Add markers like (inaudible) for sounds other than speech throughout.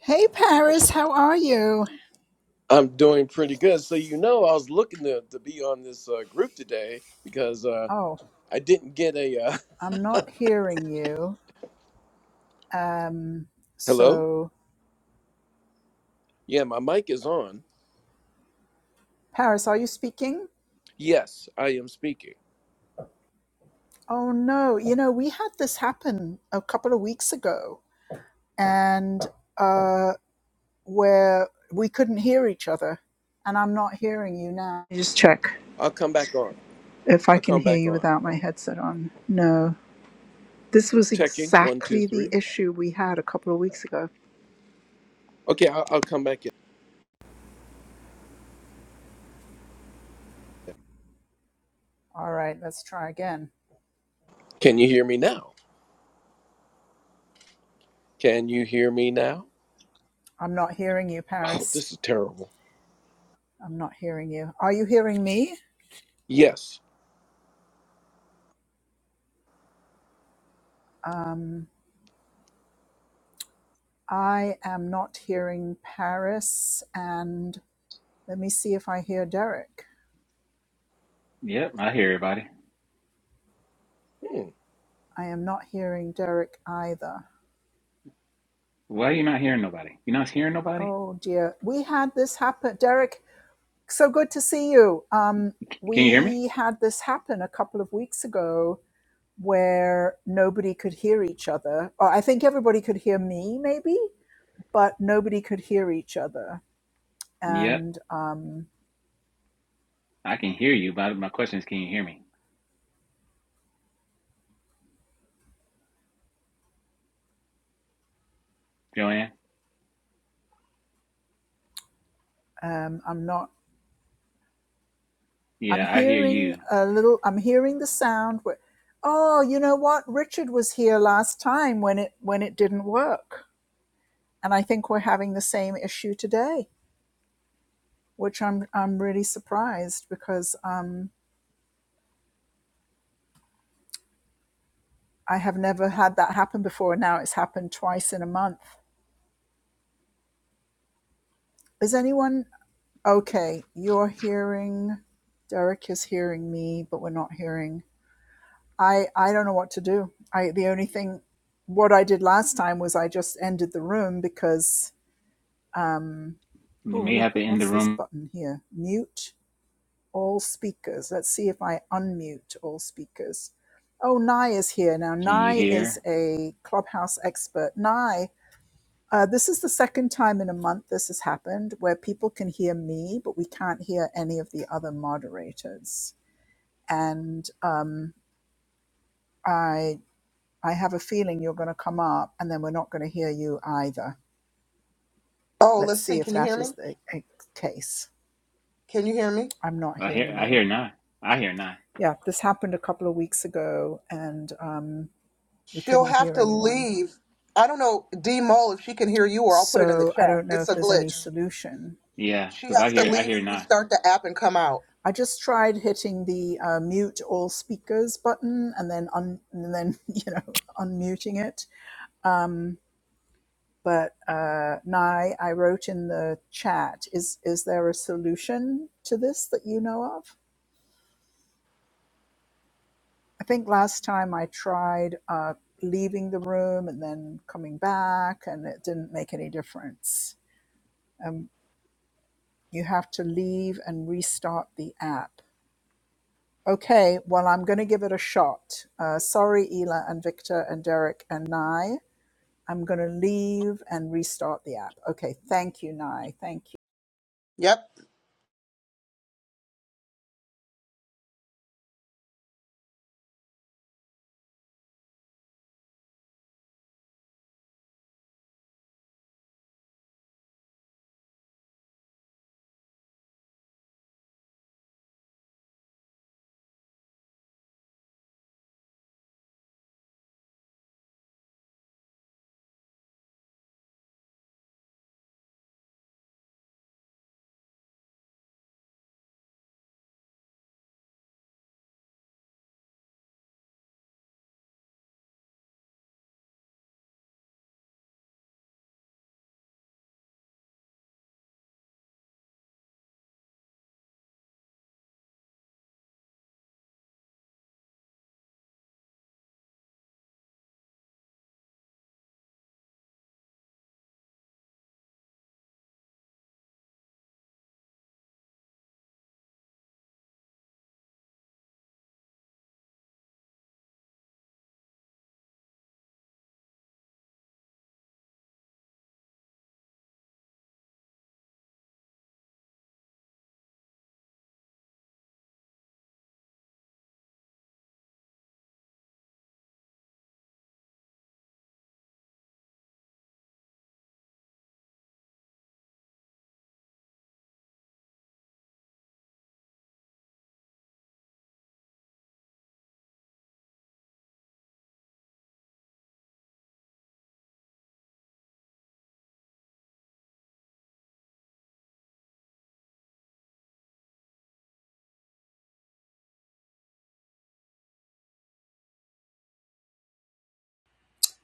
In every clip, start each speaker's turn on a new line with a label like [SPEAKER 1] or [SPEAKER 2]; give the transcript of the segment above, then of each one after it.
[SPEAKER 1] Hey, Paris, how are you?
[SPEAKER 2] I'm doing pretty good. So you know, I was looking to, to be on this uh, group today because uh,
[SPEAKER 1] Oh,
[SPEAKER 2] I didn't get a uh,
[SPEAKER 1] I'm not hearing you. Um,
[SPEAKER 2] (laughs) hello.
[SPEAKER 1] so,
[SPEAKER 2] Yeah, my mic is on.
[SPEAKER 1] Paris, are you speaking?
[SPEAKER 2] Yes, I am speaking.
[SPEAKER 1] Oh, no. You know, we had this happen a couple of weeks ago, and uh, where we couldn't hear each other, and I'm not hearing you now. Just check
[SPEAKER 2] I'll come back on.
[SPEAKER 1] if I
[SPEAKER 2] I'll
[SPEAKER 1] can
[SPEAKER 2] come
[SPEAKER 1] hear
[SPEAKER 2] back
[SPEAKER 1] you
[SPEAKER 2] on.
[SPEAKER 1] without my headset on. No. This was
[SPEAKER 2] Checking one, two,
[SPEAKER 1] exactly the
[SPEAKER 2] three.
[SPEAKER 1] issue we had a couple of weeks ago.
[SPEAKER 2] Okay, I'll, I'll come back in.
[SPEAKER 1] All right, let's try again.
[SPEAKER 2] Can you hear me now? Can you hear me now?
[SPEAKER 1] I'm not hearing you,
[SPEAKER 2] Oh,
[SPEAKER 1] Paris.
[SPEAKER 2] this is terrible.
[SPEAKER 1] I'm not hearing you. Are you hearing me?
[SPEAKER 2] Yes.
[SPEAKER 1] Um, I am not hearing Paris. And let me see if I hear Derek.
[SPEAKER 3] Yep, I hear everybody.
[SPEAKER 2] Hmm.
[SPEAKER 1] I am not hearing Derek either.
[SPEAKER 3] Why are you not hearing nobody? You're not hearing nobody?
[SPEAKER 1] Oh dear. We had this happen. Derek, so good to see you. Um,
[SPEAKER 3] Can you hear me?
[SPEAKER 1] we had this happen a couple of weeks ago where nobody could hear each other. Or I think everybody could hear me, maybe, but nobody could hear each other.
[SPEAKER 3] Yep,
[SPEAKER 1] And um,
[SPEAKER 3] I can hear you, but my question is, can you hear me? Joanne?
[SPEAKER 1] um, I'm not. I'm
[SPEAKER 3] Yeah, I hear
[SPEAKER 1] hearing
[SPEAKER 3] you.
[SPEAKER 1] a little, I'm hearing the sound where, oh, you know what? Richard was here last time when it, when it didn't work. And I think we're having the same issue today, which I'm, I'm really surprised because, um, I have never had that happen before. and Now it's happened twice in a month. Is anyone okay? You're hearing, Derek is hearing me, but we're not hearing. I, I don't know what to do. I, the only thing, what I did last time was I just ended the room because Um,
[SPEAKER 3] You
[SPEAKER 1] oh,
[SPEAKER 3] may have
[SPEAKER 1] look,
[SPEAKER 3] to end the
[SPEAKER 1] what's this
[SPEAKER 3] room.
[SPEAKER 1] button here? Mute all speakers. Let's see if I unmute all speakers. Oh, Nye is here now.
[SPEAKER 3] Can you
[SPEAKER 1] Nye is
[SPEAKER 3] hear?
[SPEAKER 1] a clubhouse expert. Nye, uh, this is the second time in a month this has happened where people can hear me, but we can't hear any of the other moderators. And um, I, I have a feeling you're going to come up, and then we're not going to hear you either.
[SPEAKER 4] Oh,
[SPEAKER 1] Let's
[SPEAKER 4] let's
[SPEAKER 1] see
[SPEAKER 4] see.
[SPEAKER 1] if
[SPEAKER 4] Can you
[SPEAKER 1] that
[SPEAKER 4] hear me?
[SPEAKER 1] is the uh, case.
[SPEAKER 4] Can you hear me?
[SPEAKER 1] I'm not
[SPEAKER 3] I hear
[SPEAKER 1] hearing
[SPEAKER 3] I
[SPEAKER 1] you.
[SPEAKER 3] hear nine. I hear nine.
[SPEAKER 1] yeah, this happened a couple of weeks ago and um, we
[SPEAKER 4] She'll
[SPEAKER 1] couldn't
[SPEAKER 4] have
[SPEAKER 1] hear
[SPEAKER 4] to
[SPEAKER 1] anyone.
[SPEAKER 4] leave. I don't know, D Mole, if she can hear you, or I'll put it in the
[SPEAKER 1] So I
[SPEAKER 4] chat.
[SPEAKER 1] don't know
[SPEAKER 4] It's
[SPEAKER 1] if
[SPEAKER 4] a
[SPEAKER 1] there's any
[SPEAKER 4] glitch.
[SPEAKER 1] solution.
[SPEAKER 3] Yeah,
[SPEAKER 4] She
[SPEAKER 3] because I
[SPEAKER 4] has to
[SPEAKER 3] hear I
[SPEAKER 4] leave
[SPEAKER 3] hear
[SPEAKER 4] and
[SPEAKER 3] nine.
[SPEAKER 4] restart the app and come out.
[SPEAKER 1] I just tried hitting the uh, mute all speakers button and then un- and then you know (laughs) unmuting it. Um, but uh, Nye, I wrote in the chat: is is there a solution to this that you know of? I think last time I tried uh, leaving the room and then coming back, and it didn't make any difference Um, You have to leave and restart the app. Okay, well, I'm going to give it a shot. Uh, sorry, Ela and Victor and Derek and Nye. I'm going to leave and restart the app. Okay, thank you, Nye. Thank you.
[SPEAKER 4] Yep.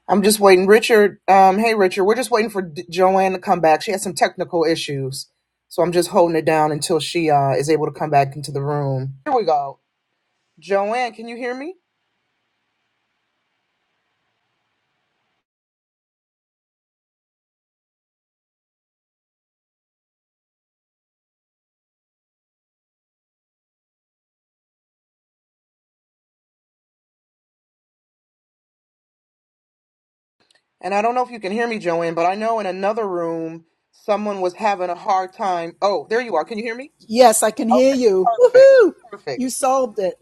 [SPEAKER 4] I'm just waiting. Richard, um, hey, Richard, we're just waiting for D- Joanne to come back. She had some technical issues. So I'm just holding it down until she uh, is able to come back into the room. Here we go. Joanne, can you hear me? And I don't know if you can hear me, Joanne, but I know in another room someone was having a hard time. Oh, there you are. Can you hear me?
[SPEAKER 1] Yes, I can hear
[SPEAKER 4] Okay,
[SPEAKER 1] you.
[SPEAKER 4] perfect.
[SPEAKER 1] Woohoo! You
[SPEAKER 4] Perfect.
[SPEAKER 1] solved it.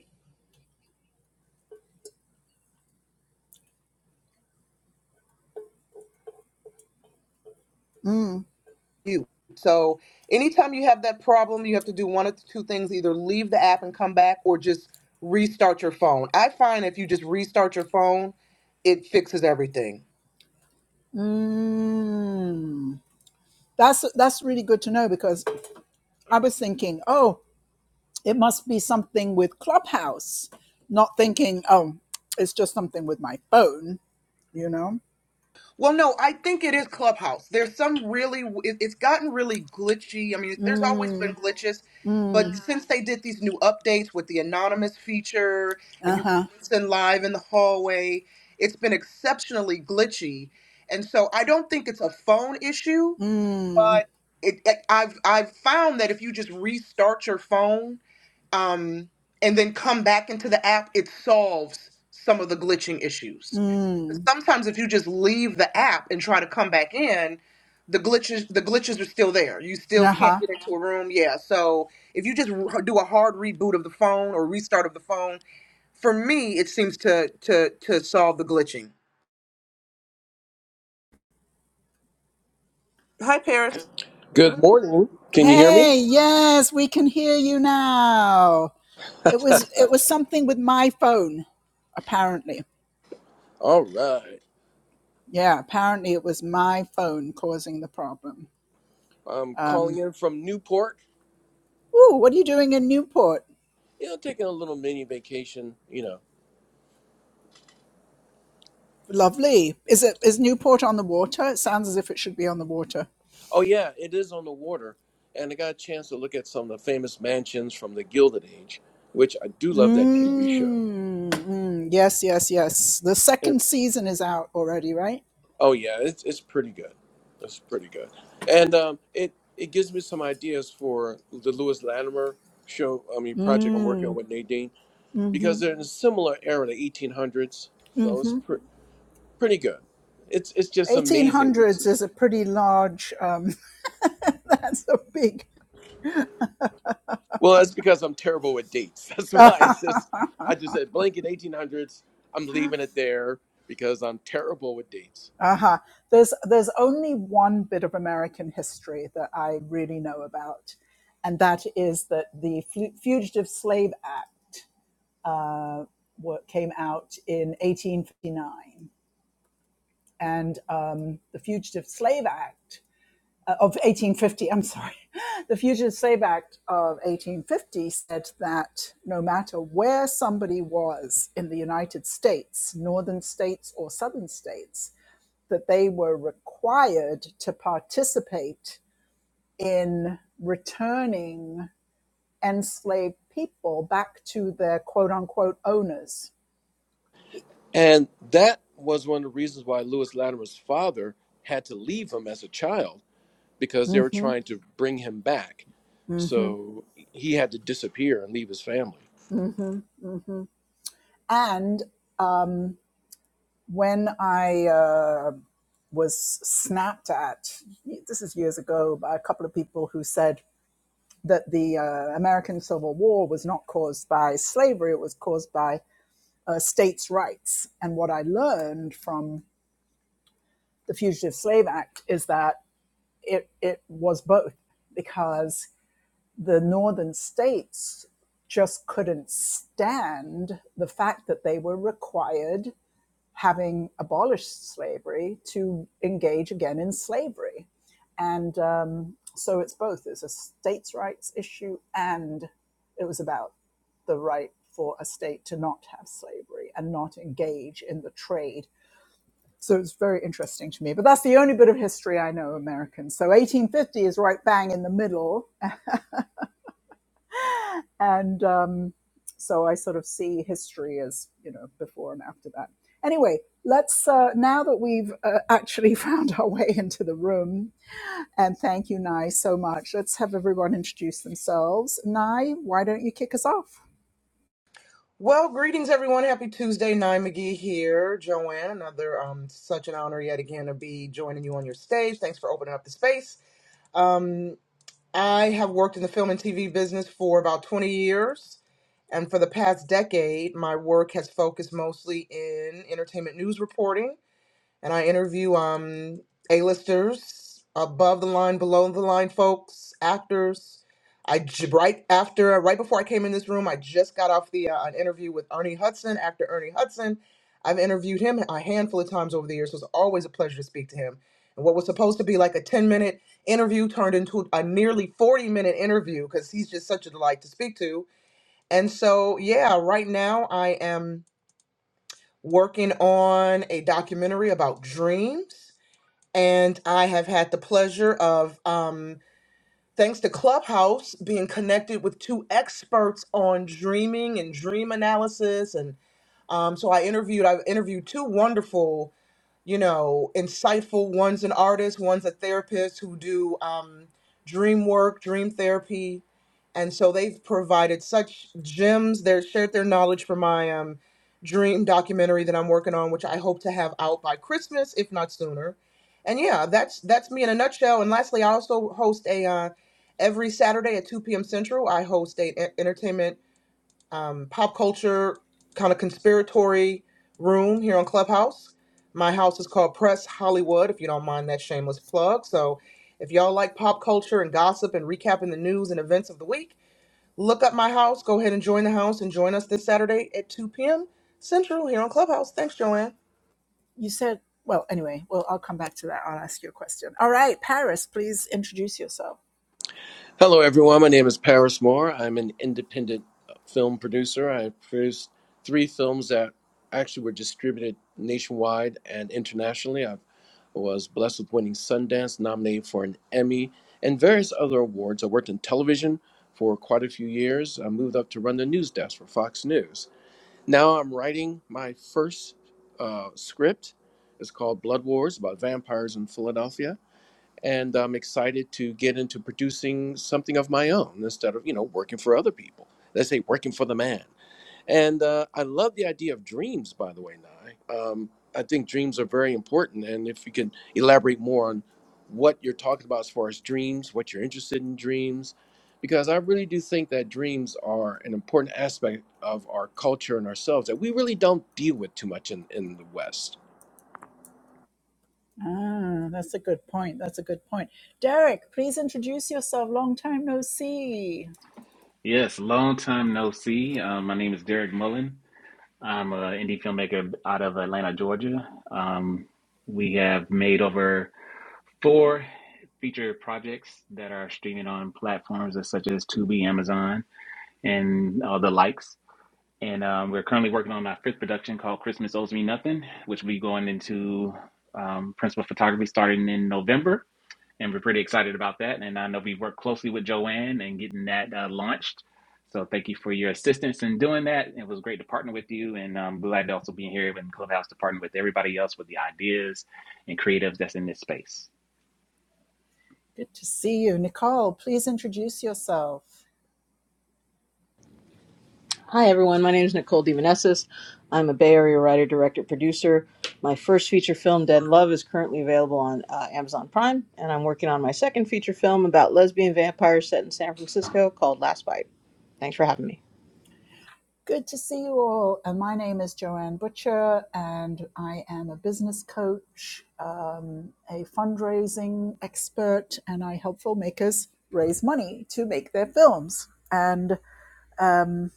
[SPEAKER 4] You. So anytime you have that problem, you have to do one of two things, either leave the app and come back or just restart your phone. I find if you just restart your phone, it fixes everything.
[SPEAKER 1] Mm. That's that's really good to know because I was thinking, oh, it must be something with Clubhouse, not thinking, oh, it's just something with my phone. You know?
[SPEAKER 4] Well, no, I think it is Clubhouse. There's some really, it- it's gotten really glitchy. I mean, there's always been glitches, but Mhm. since they did these new updates with the anonymous feature and
[SPEAKER 1] Uh
[SPEAKER 4] you can
[SPEAKER 1] huh.
[SPEAKER 4] listen live in the hallway, it's been exceptionally glitchy. And so I don't think it's a phone issue.
[SPEAKER 1] Mm.
[SPEAKER 4] It, it- I've I've found that if you just restart your phone um, and then come back into the app, it solves some of the glitching issues.
[SPEAKER 1] Mm,
[SPEAKER 4] Sometimes if you just leave the app and try to come back in, the glitches the glitches are still there. You still can't
[SPEAKER 1] uh-huh.
[SPEAKER 4] get into a room. Yeah. So if you just r- do a hard reboot of the phone or restart of the phone, for me it seems to to to solve the glitching. Hi Paris.
[SPEAKER 2] Good morning. Can you hear me?
[SPEAKER 1] Hey, yes, we can hear you now. It was it was something with my phone, apparently.
[SPEAKER 2] All right.
[SPEAKER 1] Yeah, apparently it was my phone causing the problem.
[SPEAKER 2] I'm calling
[SPEAKER 1] Um,
[SPEAKER 2] in from Newport.
[SPEAKER 1] ooh, what are you doing in Newport?
[SPEAKER 2] You know, taking a little mini vacation. You know.
[SPEAKER 1] Lovely. Is it is Newport on the water? It sounds as if it should be on the water.
[SPEAKER 2] Oh yeah, it is on the water, and I got a chance to look at some of the famous mansions from the Gilded Age, which I do love that TV show.
[SPEAKER 1] Mm, mm, yes, yes, yes. The
[SPEAKER 2] It-
[SPEAKER 1] second season is out already, right?
[SPEAKER 2] oh yeah, it's it's pretty good. It's pretty good, and um, it it gives me some ideas for the Lewis Latimer show. I mean, project I'm working on
[SPEAKER 1] Mm,
[SPEAKER 2] with Nadine
[SPEAKER 1] mm-hmm,
[SPEAKER 2] because they're in a similar era, the 1800s. So
[SPEAKER 1] mm-hmm.
[SPEAKER 2] it's pre- pretty good. It's it's just amazing to
[SPEAKER 1] 1800s
[SPEAKER 2] see.
[SPEAKER 1] is a pretty large. Um, (laughs) that's a big.
[SPEAKER 2] Well, that's because I'm terrible with dates. (laughs) That's why
[SPEAKER 1] Uh-huh.
[SPEAKER 2] it's just I just said blanket 1800s. I'm leaving it there because I'm terrible with dates.
[SPEAKER 1] uh-huh. There's there's only one bit of American history that I really know about, and that is that the Fugitive Slave Act uh, came out in 1859, and um, the Fugitive Slave Act uh, of 1850, I'm sorry, (laughs) the Fugitive Slave Act of 1850 said that no matter where somebody was in the United States, northern states or southern states, that they were required to participate in returning enslaved people back to their quote unquote owners.
[SPEAKER 2] And that was one of the reasons why Lewis Latimer's father had to leave him as a child because they
[SPEAKER 1] hmm
[SPEAKER 2] were trying to bring him back.
[SPEAKER 1] hmm
[SPEAKER 2] So he had to disappear and leave his family.
[SPEAKER 1] hmm hmm And when I uh, was snapped at, this is years ago, by a couple of people who said that the uh, American Civil War was not caused by slavery, it was caused by uh, states' rights. And what I learned from the Fugitive Slave Act is that it, it was both, because the northern states just couldn't stand the fact that they were required having abolished slavery to engage again in slavery. And um, so it's both. It's a states' rights issue, and it was about the right for a state to not have slavery and not engage in the trade. So it's very interesting to me. But that's the only bit of history I know American. So 1850 is right bang in the middle and um, so I sort of see history as you know before and after that. Anyway, let's uh, now that we've uh, actually (laughs) found our way into the room, and thank you, Nai, so much. Let's have everyone introduce themselves. Nai, why don't you kick us off?
[SPEAKER 4] Well, greetings everyone. Happy Tuesday. Nye McGee here. Joanne, another um such an honor yet again to be joining you on your stage. Thanks for opening up the space. Um, I have worked in the film and TV business for about 20 years. And for the past decade, my work has focused mostly in entertainment news reporting and I interview um A-listers, above the line, below the line folks, actors. I j- right after right before I came in this room, I just got off the uh, an interview with Ernie Hudson, actor Ernie Hudson. I've interviewed him a handful of times over the years, so it's always a pleasure to speak to him. And what was supposed to be like a 10 minute interview turned into a nearly 40 minute interview because he's just such a delight to speak to. And so, yeah, right now I am working on a documentary about dreams and I have had the pleasure of, um, thanks to Clubhouse, being connected with two experts on dreaming and dream analysis. And um, so I interviewed, I've interviewed two wonderful you know, insightful. One's an artist, one's a therapist who do um, dream work, dream therapy. And so they've provided such gems. They've shared their knowledge for my um, dream documentary that I'm working on, which I hope to have out by Christmas, if not sooner. And yeah, that's that's me in a nutshell. And lastly, I also host a uh, every Saturday at 2 p.m. Central. I host a e- entertainment um, pop culture kind of conspiratory room here on Clubhouse. My house is called Press Hollywood, if you don't mind that shameless plug. So if y'all like pop culture and gossip and recapping the news and events of the week, look up my house. Go ahead and join the house and join us this Saturday at 2 p.m. Central here on Clubhouse. Thanks, Joanne.
[SPEAKER 1] You said, well, anyway, well, I'll come back to that. I'll ask you a question. All right, Paris, please introduce yourself.
[SPEAKER 2] Hello, everyone. My name is Paris Moore. I'm an independent film producer. I produced three films that actually were distributed nationwide and internationally. I was blessed with winning Sundance, nominated for an Emmy, and various other awards. I worked in television for quite a few years. I moved up to run the news desk for Fox News. Now I'm writing my first uh, script. It's called Blood Wars about vampires in Philadelphia and I'm excited to get into producing something of my own instead of you know working for other people. They say working for the man. And uh, I love the idea of dreams, by the way, Nye. Um, I think dreams are very important. And if you can elaborate more on what you're talking about as far as dreams, what you're interested in dreams, because I really do think that dreams are an important aspect of our culture and ourselves that we really don't deal with too much in, in the West.
[SPEAKER 1] Ah, that's a good point. That's a good point. Derek, please introduce yourself. Long time no see.
[SPEAKER 3] Yes, long time no see. Um, my name is Derek Mullen. I'm an indie filmmaker out of Atlanta, Georgia. Um, we have made over Four, feature projects that are streaming on platforms such as Tubi, Amazon, and uh, the likes. And um, we're currently working on our fifth production called Christmas Owes Me Nothing, which will be going into um, principal photography starting in November. And we're pretty excited about that. And I know we worked closely with Joanne and getting that uh, launched. So thank you for your assistance in doing that. It was great to partner with you. And I'm glad to also be here in Clubhouse to partner with everybody else with the ideas and creatives that's in this space.
[SPEAKER 1] Good to see you. Nicole, please introduce yourself.
[SPEAKER 5] Hi, everyone. My name is Nicole DeVanessis. I'm a Bay Area writer, director, producer. My first feature film, Dead Love, is currently available on uh, Amazon Prime, and I'm working on my second feature film about lesbian vampires set in San Francisco called Last Bite. Thanks for having me.
[SPEAKER 1] Good to see you all. And my name is Joanne Butcher, and I am a business coach, um, a fundraising expert, and I help filmmakers raise money to make their films. And um,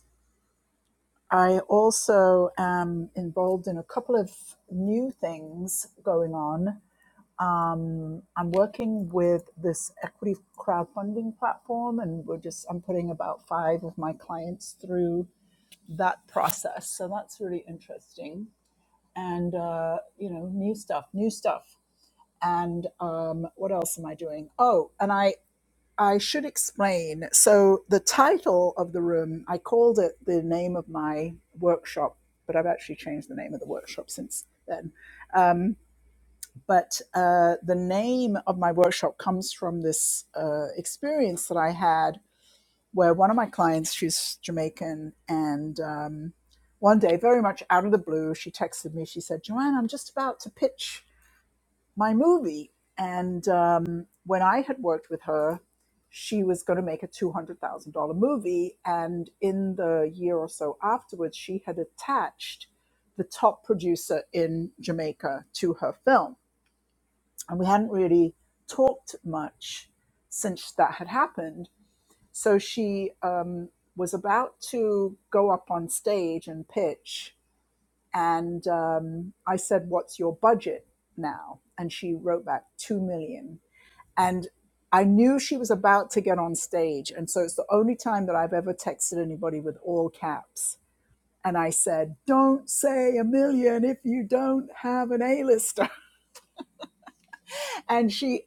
[SPEAKER 1] I also am involved in a couple of new things going on. Um, I'm working with this equity crowdfunding platform, and we're just I'm putting about five of my clients through that process. So that's really interesting, and uh, you know, new stuff, new stuff. And um, what else am I doing? Oh, and I I should explain. So the title of the room, I called it the name of my workshop, but I've actually changed the name of the workshop since then. but uh, the name of my workshop comes from this uh, experience that I had where one of my clients, she's Jamaican, and um, one day, very much out of the blue, she texted me. She said, Joanne, I'm just about to pitch my movie. And um, when I had worked with her, she was going to make a $200,000 movie. And in the year or so afterwards, she had attached the top producer in Jamaica to her film and we hadn't really talked much since that had happened. So she um, was about to go up on stage and pitch, and um, I said, "What's your budget now?" And she wrote back two million, and I knew she was about to get on stage, and so it's the only time that I've ever texted anybody with all caps. And I said, "Don't say a million if you don't have an A-lister." (laughs) and she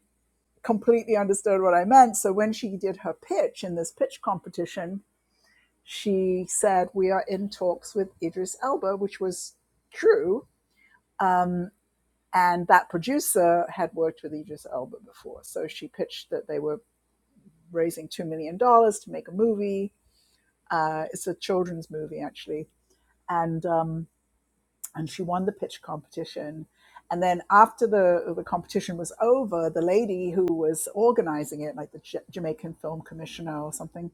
[SPEAKER 1] completely understood what I meant. So when she did her pitch in this pitch competition, she said, We are in talks with Idris Elba, which was true. And that producer had worked with Idris Elba before. So she pitched that they were raising $2 million dollars to make a movie. Uh, it's a children's movie, actually. And, um, and she won the pitch competition. And then after the, the competition was over, the lady who was organizing it, like the J- Jamaican Film Commissioner or something,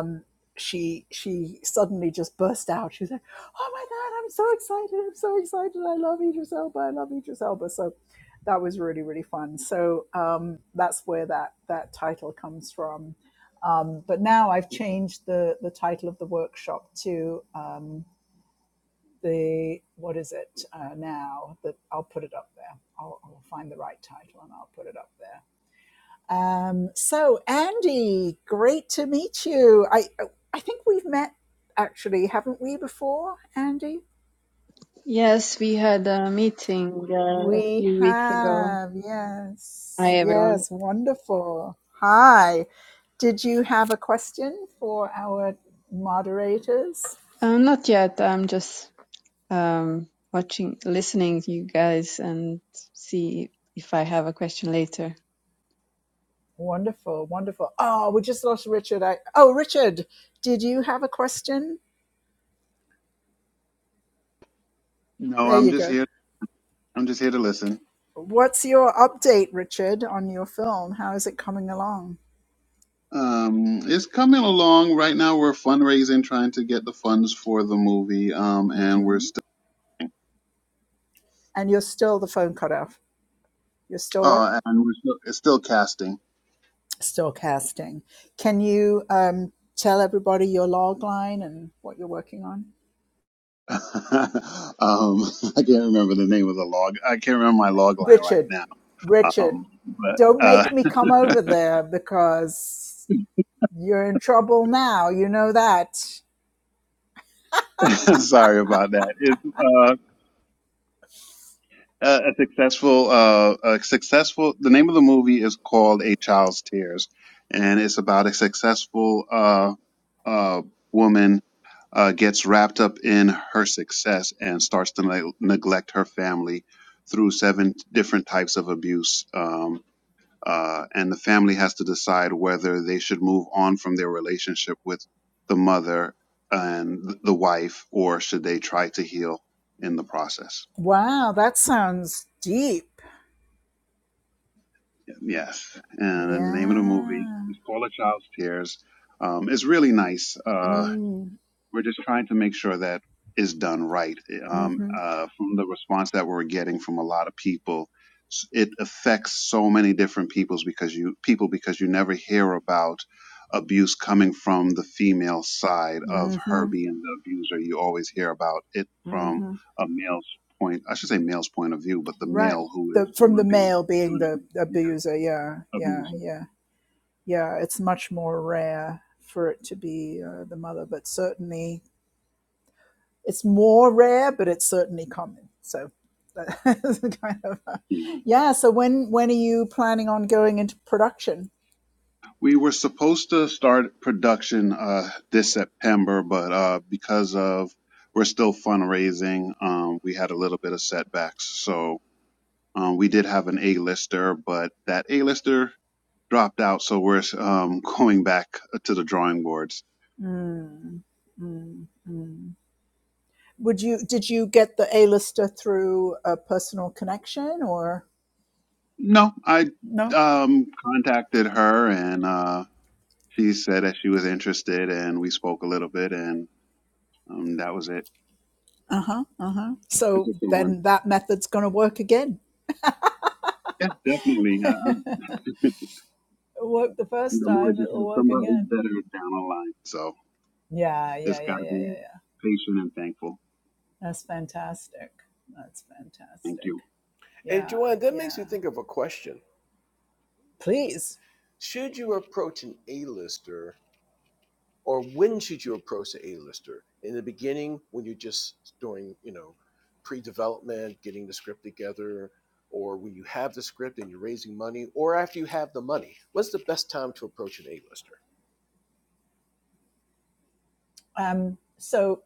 [SPEAKER 1] Um, she she suddenly just burst out. She's like, "Oh my god, I'm so excited! I'm so excited! I love Idris Elba! I love Idris Elba!" So that was really really fun. So um, that's where that that title comes from. Um, but now I've changed the the title of the workshop to um, the what is it uh, now that I'll put it up there. I'll, I'll find the right title and I'll put it up there um, so, Andy, great to meet you. I I think we've met actually, haven't we before, Andy?
[SPEAKER 6] Yes, we had a meeting uh, a
[SPEAKER 1] We
[SPEAKER 6] few weeks ago.
[SPEAKER 1] have, yes,
[SPEAKER 6] Hi, everyone.
[SPEAKER 1] yes, wonderful. Hi. Did you have a question for our moderators?
[SPEAKER 6] Uh, not yet. I'm just um, watching, listening to you guys and see if I have a question later.
[SPEAKER 1] Wonderful, wonderful. Oh, we just lost Richard. I, oh, Richard, did you have a question?
[SPEAKER 7] No,
[SPEAKER 1] There
[SPEAKER 7] I'm
[SPEAKER 1] you
[SPEAKER 7] just
[SPEAKER 1] go.
[SPEAKER 7] here. I'm just here to listen.
[SPEAKER 1] What's your update, Richard, on your film? How is it coming along?
[SPEAKER 7] Um, it's coming along right now. We're fundraising, trying to get the funds for the movie. Um, and we're
[SPEAKER 1] Mm-hmm.
[SPEAKER 7] still,
[SPEAKER 1] and you're still the phone cut off. You're still what?
[SPEAKER 7] oh, and we're still, it's still casting.
[SPEAKER 1] Still casting. Can you um, tell everybody your log line and what you're working on?
[SPEAKER 7] (laughs) um, I can't remember the name of the log. I can't remember my log line right
[SPEAKER 1] Richard,
[SPEAKER 7] now.
[SPEAKER 1] Richard,
[SPEAKER 7] Um, but
[SPEAKER 1] don't
[SPEAKER 7] uh,
[SPEAKER 1] make me come over there because you're in trouble now. You know that.
[SPEAKER 7] (laughs) sorry about that. It's uh, Uh, a successful, uh, a successful. The name of the movie is called A Child's Tears, and it's about a successful uh, uh, woman uh, gets wrapped up in her success and starts to neg- neglect her family through seven different types of abuse. Um, uh, and the family has to decide whether they should move on from their relationship with the mother and th- the wife, or should they try to heal in the process.
[SPEAKER 1] Wow, that sounds deep.
[SPEAKER 7] Yes, and the name of the movie
[SPEAKER 1] Yeah.
[SPEAKER 7] is called A Child's Tears. Um, it's really nice. Uh,
[SPEAKER 1] Mm,
[SPEAKER 7] we're just trying to make sure that it's done right. Um,
[SPEAKER 1] mm-hmm.
[SPEAKER 7] uh, from the response that we're getting from a lot of people, s- it affects so many different peoples because you people because you never hear about abuse coming from the female side of her
[SPEAKER 1] Mm-hmm.
[SPEAKER 7] being the abuser. You always hear about it from
[SPEAKER 1] Mm-hmm.
[SPEAKER 7] a male's point. I should say male's point of view, but the
[SPEAKER 1] Right.
[SPEAKER 7] male who is
[SPEAKER 1] The,
[SPEAKER 7] the
[SPEAKER 1] from the
[SPEAKER 7] one being
[SPEAKER 1] male being
[SPEAKER 7] doing
[SPEAKER 1] the
[SPEAKER 7] the
[SPEAKER 1] abuser. Yeah. Yeah.
[SPEAKER 7] abuse.
[SPEAKER 1] Yeah. yeah, it's much more rare for it to be uh, the mother, but certainly it's more rare, but it's certainly common. So (laughs) that's kind of uh
[SPEAKER 7] We
[SPEAKER 1] yeah. So when when are you planning on going into production?
[SPEAKER 7] were supposed to start production uh, this September, but uh, because of we're still fundraising, um, we had a little bit of setbacks. So um, we did have an A-lister, but that A-lister dropped out, so we're um, (laughs) going back to the drawing boards.
[SPEAKER 1] Mm, mm, mm. Would you did you get the A lister through a personal connection or
[SPEAKER 7] No, I
[SPEAKER 1] no?
[SPEAKER 7] um, contacted her, and uh, she said that she was interested, and we spoke a little bit, and um, that was it.
[SPEAKER 1] Uh huh. Uh huh.
[SPEAKER 7] This
[SPEAKER 1] So
[SPEAKER 7] is someone.
[SPEAKER 1] then that method's going to work again.
[SPEAKER 7] Yeah, definitely.
[SPEAKER 1] (laughs) it
[SPEAKER 7] Uh,
[SPEAKER 1] worked the
[SPEAKER 7] And
[SPEAKER 1] first
[SPEAKER 7] the Lord
[SPEAKER 1] time.
[SPEAKER 7] just
[SPEAKER 1] It'll
[SPEAKER 7] has
[SPEAKER 1] work
[SPEAKER 7] somebody
[SPEAKER 1] again.
[SPEAKER 7] better down the line. So
[SPEAKER 1] Yeah, yeah,
[SPEAKER 7] just
[SPEAKER 1] yeah,
[SPEAKER 7] got to
[SPEAKER 1] yeah, yeah,
[SPEAKER 7] be
[SPEAKER 1] yeah.
[SPEAKER 7] patient and thankful.
[SPEAKER 1] That's fantastic. That's
[SPEAKER 7] Thank
[SPEAKER 1] fantastic.
[SPEAKER 7] you.
[SPEAKER 1] Yeah, yeah. Please.
[SPEAKER 2] Should you approach an A-lister, or when should you approach an A-lister? In the beginning, when you're just doing, you know, pre-development, getting the script together, or when you have the script and you're raising money, or after you have the money. What's the best time to approach an A-lister?
[SPEAKER 1] Um, so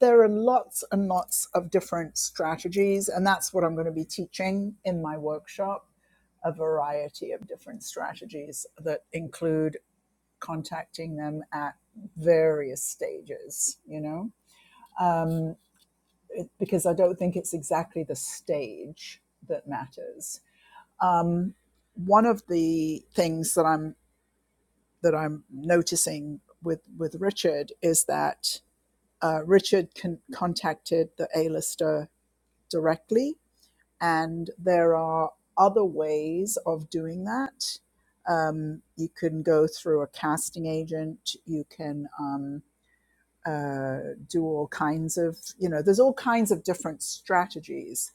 [SPEAKER 1] there are lots and lots of different strategies, and that's what I'm going to be teaching in my workshop a variety of different strategies that include contacting them at various stages, you know, um, it, because I don't think it's exactly the stage that matters Um, one of the things that I'm that I'm noticing with with Richard is that uh, Richard con- contacted the A-lister directly, and there are other ways of doing that. Um, you can go through a casting agent. You can um, uh, do all kinds of you know. There's all kinds of different strategies.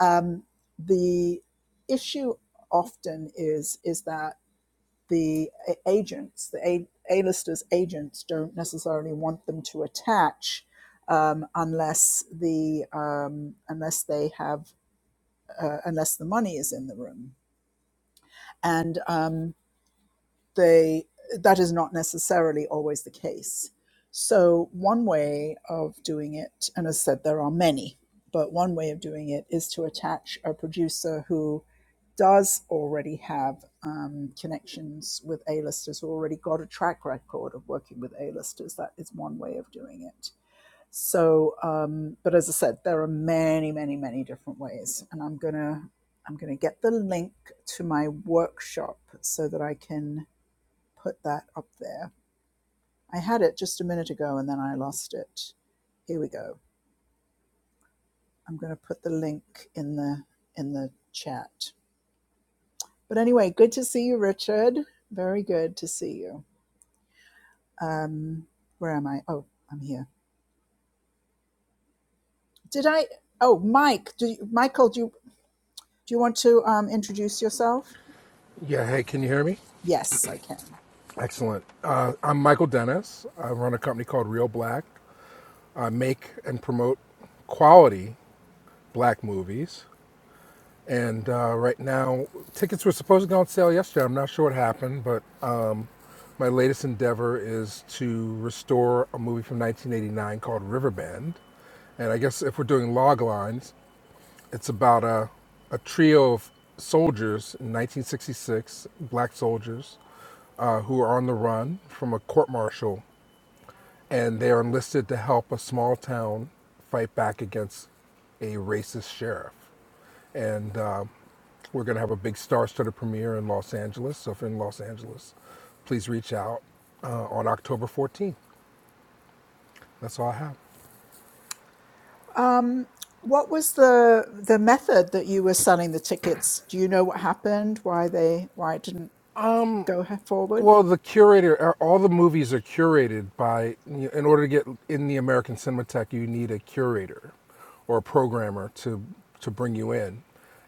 [SPEAKER 1] Um, the issue often is is that the agents, the A- listers agents, don't necessarily want them to attach um, unless the um, unless they have uh, unless the money is in the room. And um, they that is not necessarily always the case. So one way of doing it, and as I said, there are many, but one way of doing it is to attach a producer who does already have um, connections with A-listers, who already got a track record of working with A-listers. That is one way of doing it. So, um, but as I said, there are many, many, many different ways, and I'm gonna I'm gonna get the link to my workshop so that I can put that up there. I had it just a minute ago and then I lost it. Here we go. I'm going to put the link in the in the chat. But anyway, good to see you, Richard. Very good to see you. Um, where am I? Oh, I'm here. Did I? Oh, Mike. Do you, Michael? Do you do you want to um, introduce yourself?
[SPEAKER 8] Yeah, hey, can you hear me?
[SPEAKER 1] Yes, I can.
[SPEAKER 8] Excellent. Uh, I'm Michael Dennis. I run a company called Real Black. I make and promote quality black movies. And uh, right now, tickets were supposed to go on sale yesterday. I'm not sure what happened, but uh, my latest endeavor is to restore a movie from 1989 called Riverbend. And I guess if we're doing log lines, It's about a, a trio of soldiers in 1966, black soldiers, uh, who are on the run from a court martial, and they are enlisted to help a small town fight back against a racist sheriff. And uh, we're going to have a big star-studded premiere in Los Angeles. So if you're in Los Angeles, please reach out uh, on October 14th. That's all I have.
[SPEAKER 1] Um, what was the the method that you were selling the tickets? Do you know what happened? Why they? Why it didn't? go he- forward.
[SPEAKER 8] Well, the curator, uh, all the movies are curated by, in order to get in the American Cinematheque, you need a curator or a programmer to, to bring you in.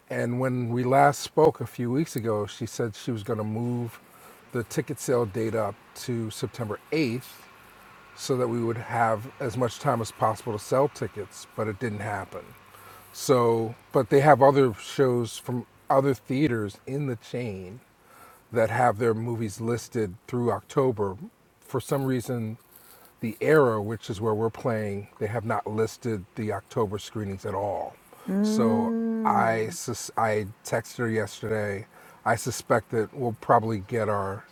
[SPEAKER 8] And when we last spoke a few weeks ago, she said she was going to move the ticket sale date up to September 8th so that we would have as much time as possible to sell tickets, but it didn't happen. So, but they have other shows from other theaters in the chain that have their movies listed through October. For some reason, the era, which is where we're playing, they have not listed the October screenings at all. So I
[SPEAKER 1] Mm,
[SPEAKER 8] sus- I texted her yesterday. I suspect that we'll probably get our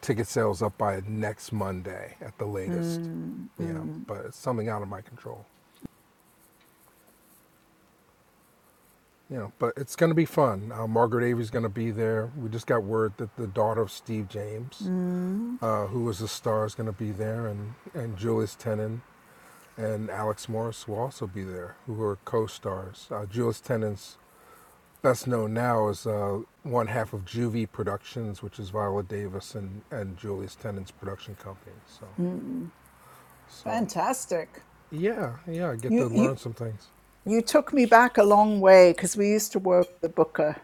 [SPEAKER 8] ticket sales up by next Monday at the latest.
[SPEAKER 1] mm,
[SPEAKER 8] Yeah,
[SPEAKER 1] mm,
[SPEAKER 8] but it's something out of my control. You know, but it's going to be fun. Uh, Margaret Avery's going to be there. We just got word that the daughter of Steve James
[SPEAKER 1] mm,
[SPEAKER 8] uh, who was the star, is going to be there, and, and Julius Tenen and Alex Morris will also be there, who are co-stars. Uh, Julius Tenen's best known now is uh, one half of Juvie Productions, which is Viola Davis and, and Julius Tenen's production company. So,
[SPEAKER 1] mm.
[SPEAKER 8] so
[SPEAKER 1] Fantastic.
[SPEAKER 8] yeah, yeah, I get to
[SPEAKER 1] You, you,
[SPEAKER 8] learn some things.
[SPEAKER 1] you took me back a long way because we used to work with a booker,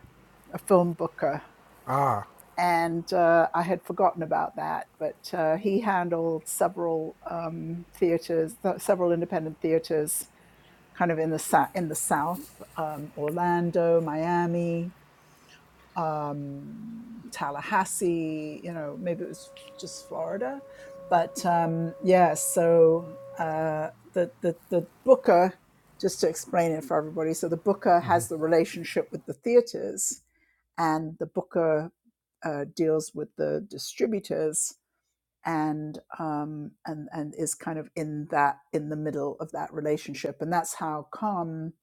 [SPEAKER 1] a film booker. and uh, I had forgotten about that. But uh, he handled several um, theaters, th- several independent theaters, kind of in the sa- in the South, um, Orlando, Miami, um, Tallahassee. You know, maybe it was just Florida, but um, yeah. So uh, the the the Booker. Just to explain it for everybody, so the Booker has the relationship with the theaters, and the booker uh, deals with the distributors and um, and and is kind of in that in the middle of that relationship, and that's how come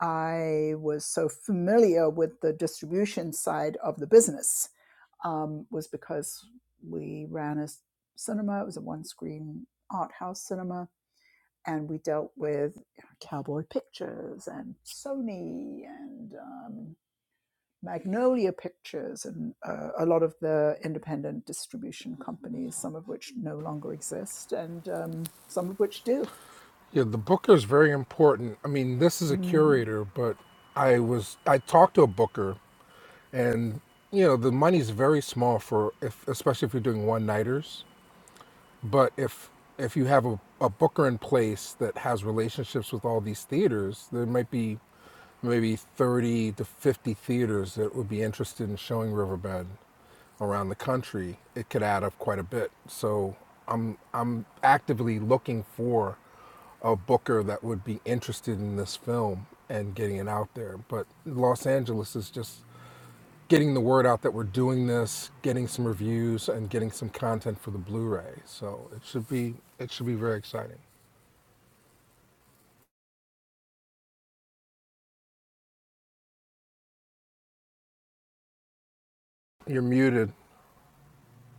[SPEAKER 1] I was so familiar with the distribution side of the business um, was because we ran a cinema. It was a one screen art house cinema. And we dealt with Cowboy Pictures and Sony and um, Magnolia Pictures and uh, a lot of the independent distribution companies, some of which no longer exist and um, some of which do.
[SPEAKER 8] Yeah, the booker is very important. I mean, this is a
[SPEAKER 1] Mm.
[SPEAKER 8] curator, but I was I talked to a booker, and you know the money's very small for if especially if you're doing one nighters. But if if you have a, a booker in place that has relationships with all these theaters, there might be maybe 30 to 50 theaters that would be interested in showing Riverbed around the country. It could add up quite a bit. So I'm I'm actively looking for a booker that would be interested in this film and getting it out there. But Los Angeles is just getting the word out that we're doing this, getting some reviews, and getting some content for the Blu-ray. So it should be it should be very exciting. You're muted.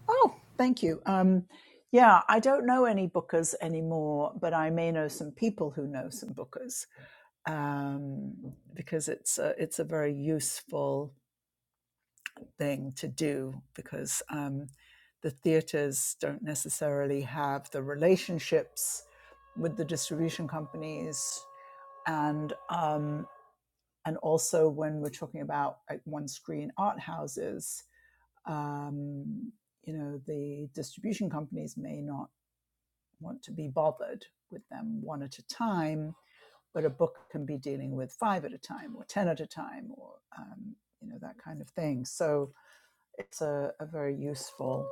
[SPEAKER 1] Oh, thank you. Um, yeah, I don't know any bookers anymore, but I may know some people who know some bookers um, because it's a, it's a very useful thing to do because um, the theaters don't necessarily have the relationships with the distribution companies and um, and also when we're talking about like, one screen art houses, um, you know, the distribution companies may not want to be bothered with them one at a time, but a book can be dealing with five at a time or ten at a time or um, you know that kind of thing. So it's a, a very useful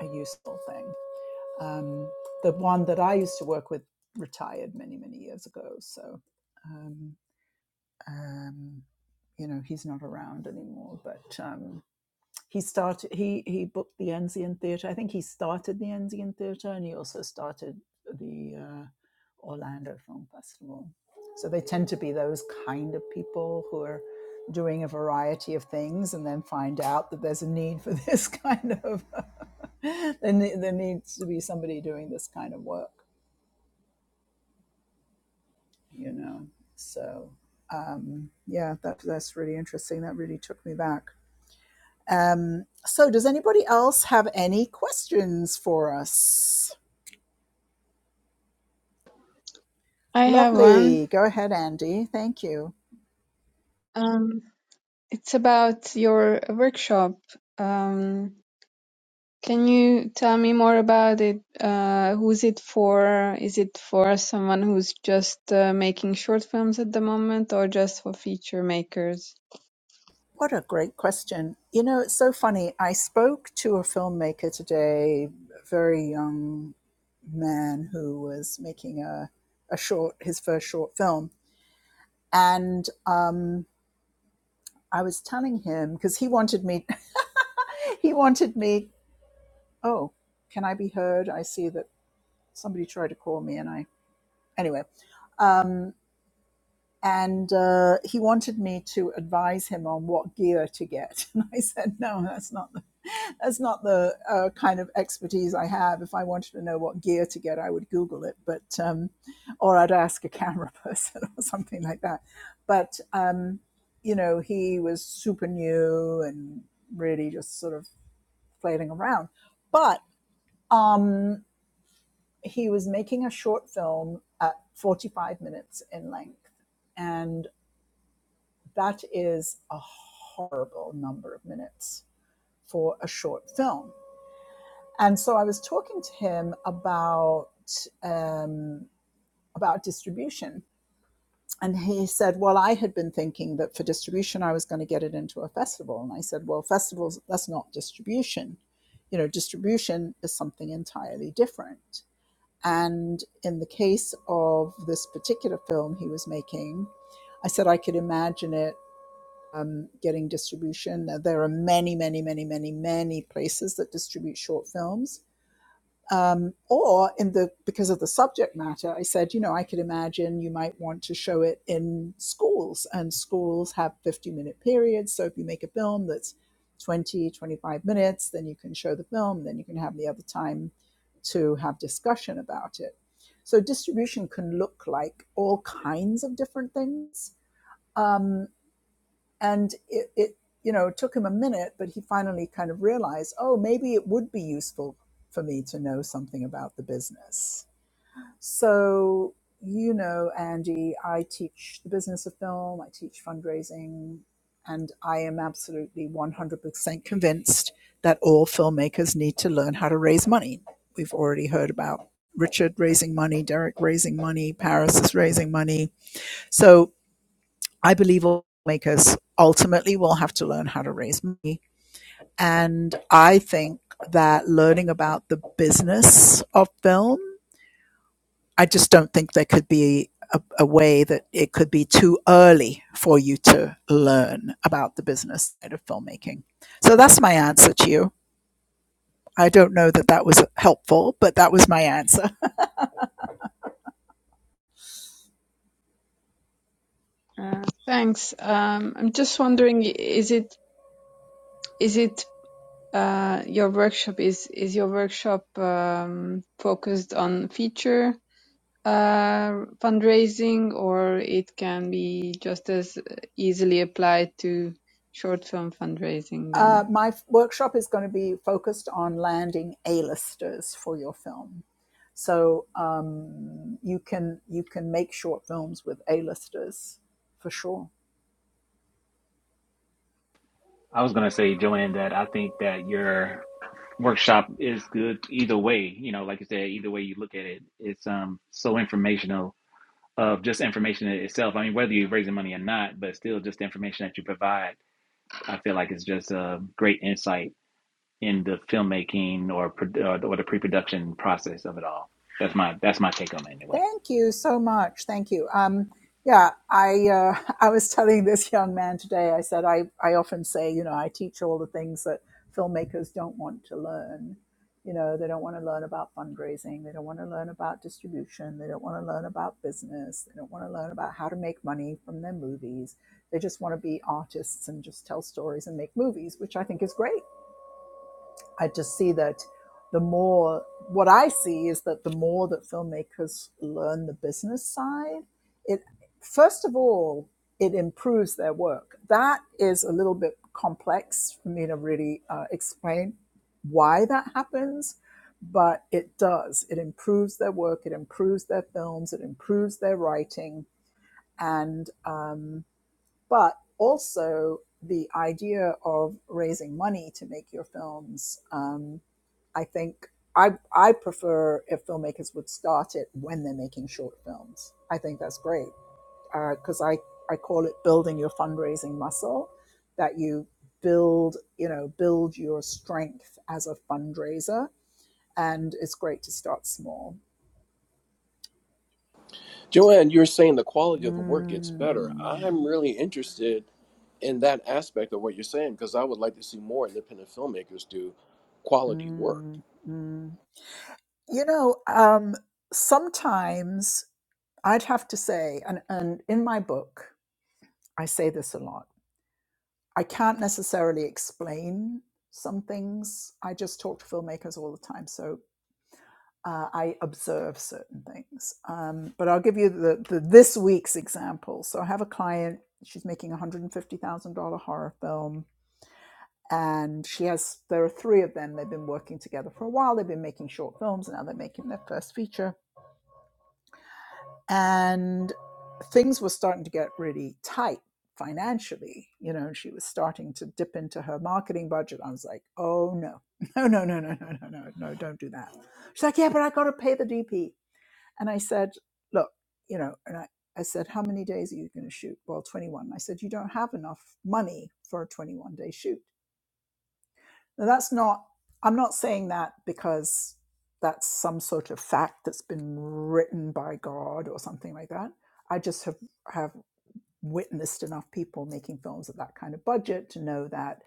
[SPEAKER 1] a useful thing. Um, the one that I used to work with retired many many years ago, so. um, um, you know he's not around anymore but um, he started he he booked the Anzian Theatre I think he started the Anzian Theatre and he also started the uh, Orlando Film Festival so they tend to be those kind of people who are doing a variety of things and then find out that there's a need for (laughs) this kind of (laughs) there, there needs to be somebody doing this kind of work you know. So um, yeah, that that's really interesting. That really took me back. Um, so does anybody else have any questions for us?
[SPEAKER 6] I have one.
[SPEAKER 1] Lovely. Go ahead, Andy. Thank you.
[SPEAKER 6] Um, it's about your workshop. Um, can you tell me more about it? Uh, who's it for? Is it for someone who's just uh, making short films at the moment or just for feature makers?
[SPEAKER 1] What a great question. You know, it's so funny. I spoke to a filmmaker today, a very young man who was making a, a short, his first short film. And um, I was telling him because he wanted me, (laughs) he wanted me oh, can I be heard? I see that somebody tried to call me, and I anyway. Um, and uh, he wanted me to advise him on what gear to get, (laughs) and I said, no, that's not the, that's not the uh, kind of expertise I have. If I wanted to know what gear to get, I would Google it, but um, or I'd ask a camera person (laughs) or something like that. But um, you know, he was super new and really just sort of flailing around, but. Um, he was making a short film at 45 minutes in length and that is a horrible number of minutes for a short film and so i was talking to him about um, about distribution and he said well i had been thinking that for distribution i was going to get it into a festival and i said well festivals that's not distribution you know distribution is something entirely different And in the case of this particular film he was making, I said I could imagine it um, getting distribution. Now, There are many, many, many, many, many places that distribute short films. Um, or in the because of the subject matter, I said, you know, I could imagine you might want to show it in schools, and schools have 50 minute periods. So if you make a film that's 20 25 minutes, then you can show the film, then you can have the other time to have discussion about it. So distribution can look like all kinds of different things. Um, and it, it you know it took him a minute but he finally kind of realized oh maybe it would be useful for me to know something about the business so you know andy i teach the business of film i teach fundraising and i am absolutely 100% convinced that all filmmakers need to learn how to raise money we've already heard about richard raising money derek raising money paris is raising money so I believe all makers ultimately will have to learn how to raise money. And I think that learning about the business of film, I just don't think there could be a, a way that it could be too early for you to learn about the business side of filmmaking. So that's my answer to you. I don't know that that was helpful, but that was my answer.
[SPEAKER 6] Uh, Thanks. Um, I'm just wondering, is it is it uh, your workshop is is your workshop um, focused on feature uh, fundraising, or it can be just as easily applied to short film fundraising
[SPEAKER 1] Uh,
[SPEAKER 6] then?
[SPEAKER 1] my workshop is going to be focused on landing A-listers for your film. So um, you can you can make short films with A-listers for sure.
[SPEAKER 3] I was gonna say, Joanne, that I think that your workshop is good either way. You know, like you said, either way you look at it, it's um so informational of just information in itself. I mean, whether you're raising money or not, but still just the information that you provide, I feel like it's just a great insight in the filmmaking or pro- or or the pre-production process of it all. That's my that's my take on it anyway.
[SPEAKER 1] Thank you so much. Thank you. Um, yeah, I uh, (laughs) I was telling this young man today. I said I I often say you know I teach all the things that filmmakers don't want to learn. You know they don't want to learn about fundraising. They don't want to learn about distribution. They don't want to learn about business. They don't want to learn about how to make money from their movies. They just want to be artists and just tell stories and make movies, which I think is great I just see that the more what I see is that the more that filmmakers learn the business side, it first of all it improves their work. That is a little bit complex for me to really uh, explain why that happens, but it does. It improves their work. It improves their films. It improves their writing, and um, but also the idea of raising money to make your films. Um, I think I I prefer if filmmakers would start it when they're making short films. I think that's great because uh, I I call it building your fundraising muscle. That you build you know build your strength as a fundraiser, and it's great to start small.
[SPEAKER 2] Joanne, you're saying the quality of the work gets better.
[SPEAKER 1] Mm,
[SPEAKER 2] I'm really interested in that aspect of what you're saying because I would like to see more independent filmmakers do quality work.
[SPEAKER 1] mm, mm. You know, um, sometimes I'd have to say, and and in my book I say this a lot I can't necessarily explain some things. I just talk to filmmakers all the time, so uh, I observe certain things. Um, but I'll give you the, the this week's example. So I have a client. She's making a one hundred and fifty thousand dollar horror film, and she has. There are three of them. They've been working together for a while. They've been making short films, and now they're making their first feature and things were starting to get really tight financially you know she was starting to dip into her marketing budget i was like oh no (laughs) no no no no no no no no don't do that she's like yeah but i got to pay the dp and i said look you know and i I said, how many days are you going to shoot? Well, 21. I said, you don't have enough money for a 21 day shoot. Now, that's not, I'm not saying that because that's some sort of fact that's been written by God or something like that. I just have, have witnessed enough people making films at that kind of budget to know that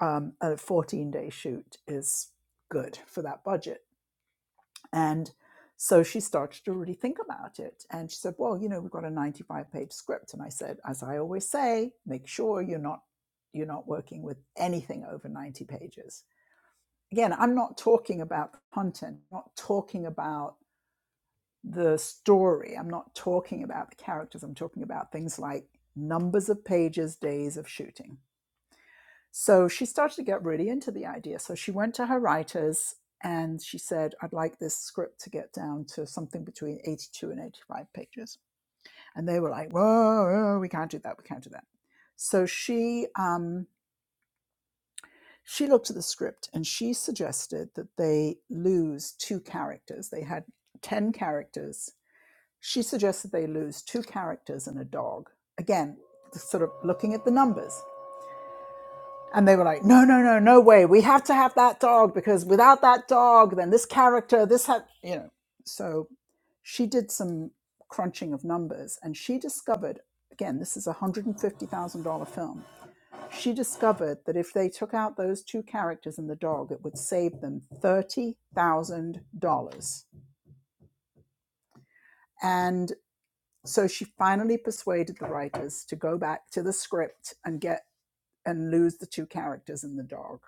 [SPEAKER 1] um, a 14 day shoot is good for that budget. And so she started to really think about it. And she said, Well, you know, we've got a 95 page script. And I said, As I always say, make sure you're not. You're not working with anything over 90 pages again, I'm not talking about content, I'm not talking about the story, I'm not talking about the characters, I'm talking about things like numbers of pages, days of shooting. So she started to get really into the idea. So she went to her writers and she said, I'd like this script to get down to something between 82 and 85 pages. And they were like, whoa, whoa, we can't do that, we can't do that. So she um, She looked at the script and she suggested that they lose two characters. They had 10 characters. She suggested they lose two characters and a dog. Again, sort of looking at the numbers. And they were like, no, no, no, no way. We have to have that dog because without that dog, then this character, this had, you know. So she did some crunching of numbers and she discovered again, this is a $150,000 film she discovered that if they took out those two characters in the dog, it would save them $30,000. And so she finally persuaded the writers to go back to the script and get and lose the two characters in the dog.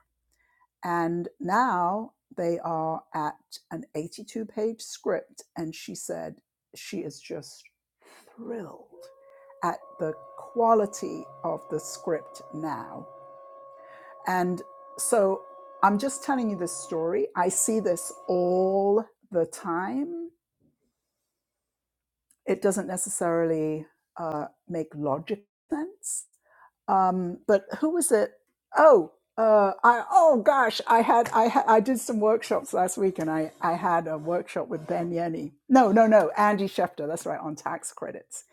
[SPEAKER 1] And now they are at an 82 page script. And she said she is just thrilled at the quality of the script now And so I'm just telling you this story. I see this all the time. It doesn't necessarily uh, make logical sense. Um, but who was it? Oh, uh, I oh gosh, I had I ha- I did some workshops last week, and I I had a workshop with Ben Yenny. No, no, no, Andy Schefter. That's right on tax credits.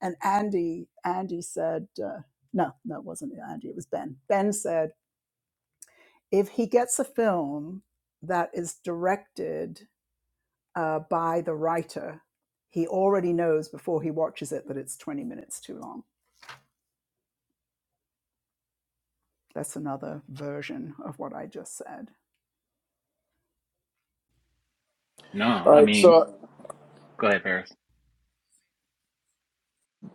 [SPEAKER 1] And Andy Andy said uh, no, no, it wasn't Andy. It was Ben. Ben said if he gets a film that is directed uh, by the writer, he already knows before he watches it that it's 20 minutes too long. That's another version of what I just said.
[SPEAKER 3] No,
[SPEAKER 2] All
[SPEAKER 3] I
[SPEAKER 2] right,
[SPEAKER 3] mean,
[SPEAKER 2] so
[SPEAKER 3] go ahead, Paris.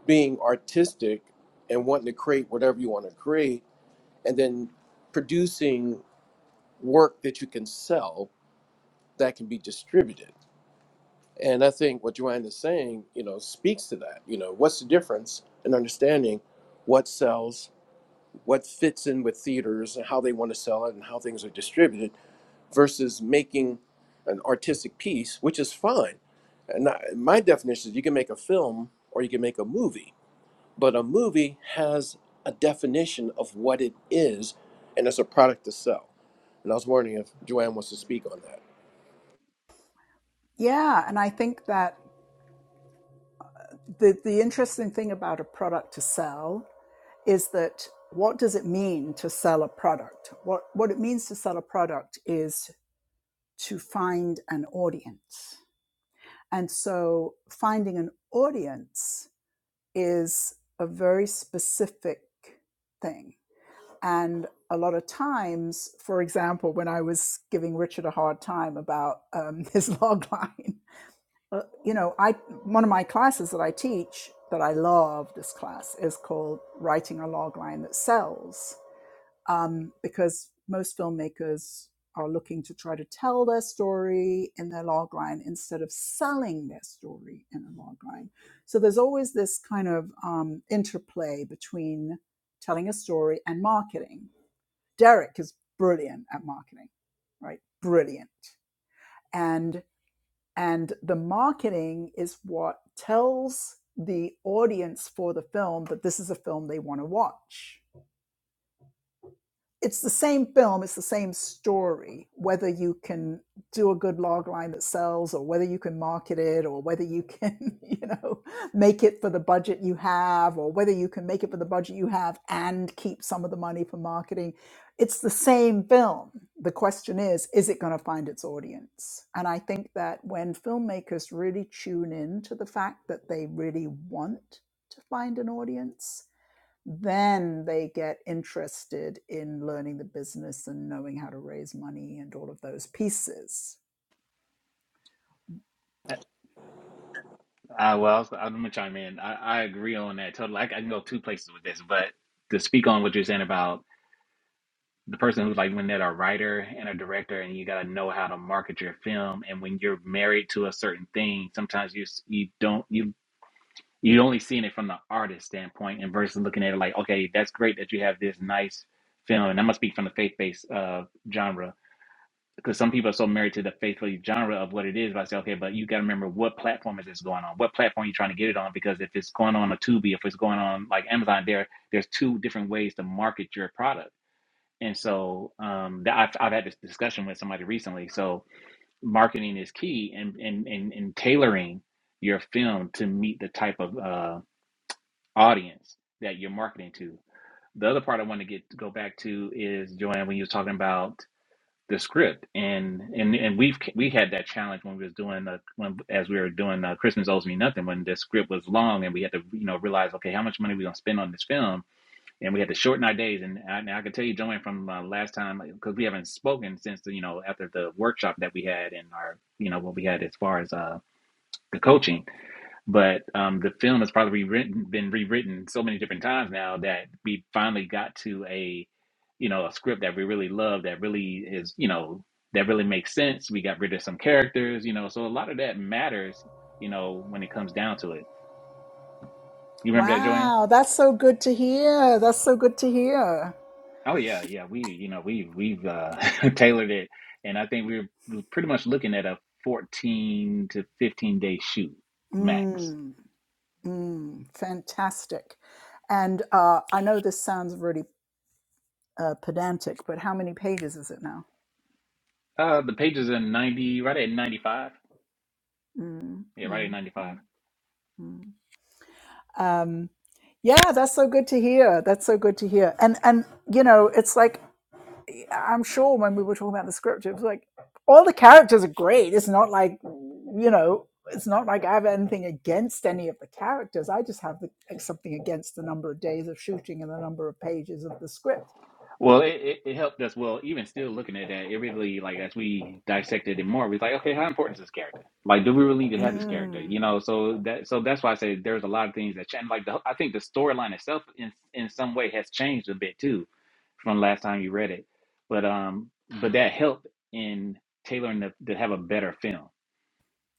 [SPEAKER 2] being artistic and wanting to create whatever you want to create and then producing work that you can sell that can be distributed. And I think what Joanne is saying, you know, speaks to that. You know, what's the difference in understanding what sells, what fits in with theaters and how they want to sell it and how things are distributed versus making an artistic piece, which is fine. And I, my definition is you can make a film or you can make a movie, but a movie has a definition of what it is and it's a product to sell And I was wondering if Joanne wants to speak on that.
[SPEAKER 1] Yeah, and I think that the, the interesting thing about a product to sell is that what does it mean to sell a product? What, what it means to sell a product is to find an audience. And so finding an audience is a very specific thing. And a lot of times, for example, when I was giving Richard a hard time about um, (laughs) his log line, uh, you know, I one of my classes that I teach that I love this class is called Writing a Log Line That Sells um, because most filmmakers are looking to try to tell their story in their logline instead of selling their story in a logline. So there's always this kind of um, interplay between telling a story and marketing. Derek is brilliant at marketing, right? Brilliant, and and the marketing is what tells the audience for the film that this is a film they want to watch it's the same film, it's the same story, whether you can do a good log line that sells or whether you can market it or whether you can, (laughs) you know, make it for the budget you have or whether you can make it for the budget you have and keep some of the money for marketing. It's the same film. The question is, is it going to find its audience? And I think that when filmmakers really tune in to the fact that they really want to find an audience, then they get interested in learning the business and knowing how to raise money and all of those pieces.
[SPEAKER 3] Uh, well, so, I'm gonna chime in. I, I agree on that totally. I, I can go two places with this, but to speak on what you're saying about the person who's like when they're a writer and a director, and you gotta know how to market your film. And when you're married to a certain thing, sometimes you s- you don't you you only seeing it from the artist standpoint, and versus looking at it like, okay, that's great that you have this nice film, and I'm gonna speak from the faith based uh, genre because some people are so married to the faithful genre of what it is. But I say, okay, but you got to remember what platform is this going on? What platform you trying to get it on? Because if it's going on a Tubi, if it's going on like Amazon, there there's two different ways to market your product. And so um, that I've, I've had this discussion with somebody recently. So marketing is key, and and and, and tailoring your film to meet the type of uh, audience that you're marketing to. The other part I want to get go back to is Joanne when you was talking about the script and and and we've we had that challenge when we was doing uh when as we were doing uh, Christmas owes me nothing when the script was long and we had to you know realize okay how much money we gonna spend on this film and we had to shorten our days and I, and I can tell you Joanne from uh, last time because we haven't spoken since the, you know after the workshop that we had and our you know what we had as far as uh the coaching but um, the film has probably rewritten, been rewritten so many different times now that we finally got to a, you know, a script that we really love that really is, you know, that really makes sense. We got rid of some characters, you know, so a lot of that matters, you know, when it comes down to it. You remember that, Joanne?
[SPEAKER 1] Wow, that's so good to hear. That's so good to hear.
[SPEAKER 3] Oh yeah, yeah. We, you know, we we've uh, (laughs) tailored it, and I think we're pretty much looking at a 14 to 15 day shoot max.
[SPEAKER 1] Mm. Mm, fantastic. And uh, I know this sounds really uh, pedantic, but how many pages is it now?
[SPEAKER 3] Uh, the pages are 90, right at 95.
[SPEAKER 1] Mm,
[SPEAKER 3] Yeah, right at
[SPEAKER 1] mm,
[SPEAKER 3] 95.
[SPEAKER 1] mm, mm. Um, yeah, that's so good to hear. That's so good to hear. And and you know, it's like I'm sure when we were talking about the script, it was like all the characters are great. It's not like you know, it's not like I have anything against any of the characters. I just have the, like, something against the number of days of shooting and the number of pages of the script.
[SPEAKER 3] Well, it, it, it helped us. Well, even still looking at that, it really like as we dissected it more, we was like, okay, how important is this character? Like, do we really need to have this character? You
[SPEAKER 1] Mm,
[SPEAKER 3] know, so that so that's why I say there's a lot of things that change. Like, the, I think the storyline itself in in some way has changed a bit too from last time you read it, but um, but that helped in tailoring the to have a better film.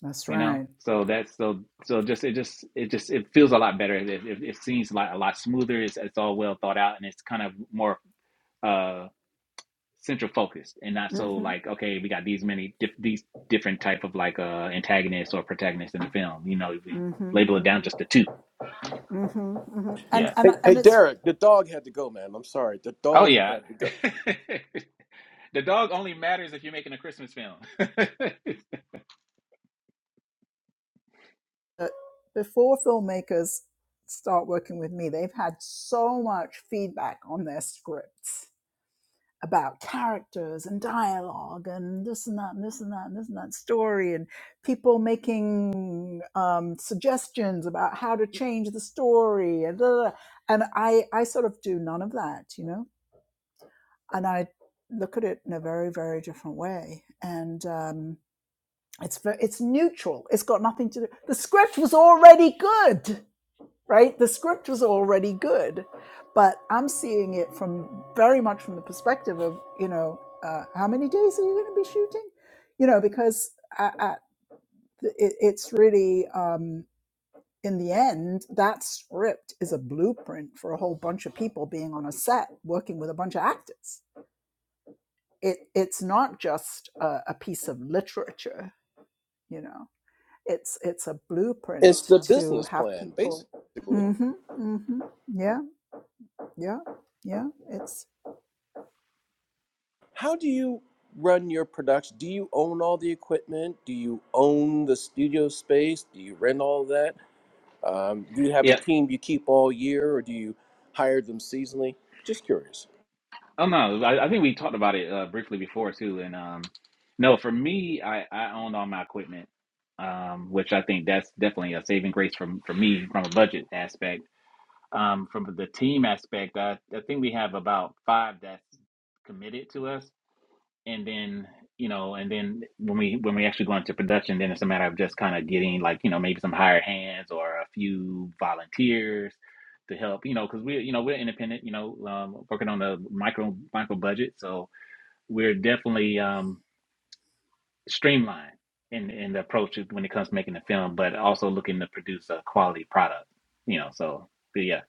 [SPEAKER 1] that's
[SPEAKER 3] You know,
[SPEAKER 1] right.
[SPEAKER 3] so that's so so just it just it just it feels a lot better. It, it, it seems like a lot smoother. It's it's all well thought out and it's kind of more. uh, central focused and not so
[SPEAKER 1] Mm-hmm,
[SPEAKER 3] like okay we got these many diff- these different type of like uh antagonists or protagonists in the film you know we
[SPEAKER 1] mm-hmm,
[SPEAKER 3] label it down just
[SPEAKER 1] mm-hmm,
[SPEAKER 3] to two
[SPEAKER 1] mm-hmm, mm-hmm. And
[SPEAKER 3] yeah
[SPEAKER 1] and
[SPEAKER 2] Hey, hey,
[SPEAKER 1] and it's
[SPEAKER 2] Derek, the dog had to go, man. I'm sorry. The
[SPEAKER 3] oh
[SPEAKER 2] dog
[SPEAKER 3] yeah
[SPEAKER 2] had to go.
[SPEAKER 3] (laughs) the dog only matters if you're making a christmas film (laughs)
[SPEAKER 1] that before filmmakers start working with me, they've had so much feedback on their scripts about characters and dialogue and this and that and this and that and this and that story and people making um, suggestions about how to change the story and blah, blah, blah. and I I sort of do none of that, you know, and I look at it in a very very different way and. Um, it's it's neutral. It's got nothing to do. The script was already good right? The script was already good, but I'm seeing it from very much from the perspective of, you know, uh, how many days are you going to be shooting? You know, because I, I, it, it's really, um, in the end, that script is a blueprint for a whole bunch of people being on a set working with a bunch of actors. It, it's not just a, a piece of literature, you know. It's it's a
[SPEAKER 2] It's
[SPEAKER 1] blueprint
[SPEAKER 2] the
[SPEAKER 1] to
[SPEAKER 2] business
[SPEAKER 1] have
[SPEAKER 2] plan,
[SPEAKER 1] people.
[SPEAKER 2] basically.
[SPEAKER 1] mm hmm mm hmm Yeah Yeah. Yeah. It's
[SPEAKER 2] How do you run your production? Do you own all the equipment? Do you own the studio space? Do you rent all that? Um, do you have
[SPEAKER 3] yeah
[SPEAKER 2] a team you keep all year or do you hire them seasonally? Just curious.
[SPEAKER 3] oh no I, I think we talked about it uh, briefly before too and um no for me i i owned all my equipment um which i think that's definitely a saving grace from for me from a budget aspect um, from the team aspect, I, I think we have about five that's committed to us, and then you know, and then when we when we actually go into production, then it's a matter of just kind of getting like you know maybe some hired hands or a few volunteers to help, you know, because we're you know we're independent, you know, um, working on a micro micro budget, so we're definitely um, streamlined in in the approach when it comes to making the film, but also looking to produce a quality product, you know, so yeah.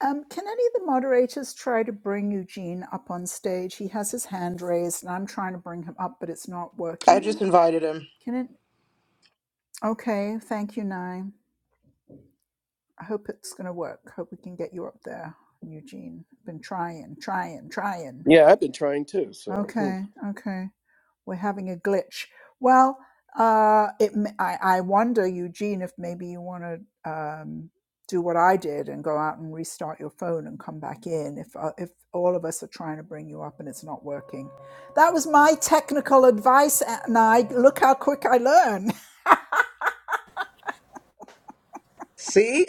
[SPEAKER 1] um can any of the moderators try to bring Eugene up on stage? He has his hand raised and I'm trying to bring him up, but it's not
[SPEAKER 4] I
[SPEAKER 1] working.
[SPEAKER 4] just invited him.
[SPEAKER 1] Can it Okay, thank you, Nye. I hope it's gonna work. Hope we can get you up there, Eugene. Been trying, trying, trying.
[SPEAKER 2] Yeah, I've been trying too. So hmm.
[SPEAKER 1] Okay, okay. We're having a glitch. Well, uh, it. m- I, I wonder, Eugene, if maybe you want to um, do what I did and go out and restart your phone and come back in. If uh, if all of us are trying to bring you up and it's not working, that was my technical advice. And I look how quick I learn.
[SPEAKER 4] See?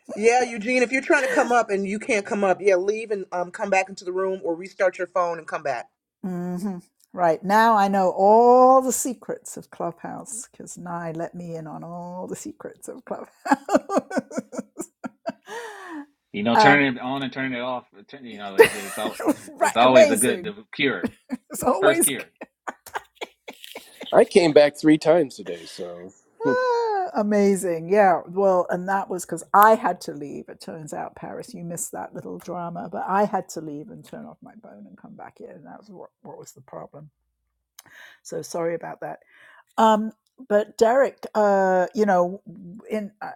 [SPEAKER 4] (laughs) yeah, Eugene, if you're trying to come up and you can't come up, yeah, leave and um, come back into the room or restart your phone and come back.
[SPEAKER 1] (laughs) hmm Right now, I know all the secrets of Clubhouse because Nye let me in on all the secrets of Clubhouse.
[SPEAKER 3] You
[SPEAKER 1] (laughs)
[SPEAKER 3] know,
[SPEAKER 1] Um,
[SPEAKER 3] turning it on and turning it off. turn- You know,
[SPEAKER 1] (laughs)
[SPEAKER 3] it's it's, al- it's
[SPEAKER 1] right,
[SPEAKER 3] always a good
[SPEAKER 1] amazing.
[SPEAKER 3] the cure.
[SPEAKER 1] It's
[SPEAKER 3] First
[SPEAKER 1] always
[SPEAKER 3] cure.
[SPEAKER 2] I came back three times today. So hmm.
[SPEAKER 1] ah, amazing. Yeah. Well, and that was because I had to leave. It turns out, Paris, you missed that little drama, but I had to leave and turn off my phone and come back in. And that was what, what was the problem. So sorry about that. Um, but Derek, uh, you know, in uh,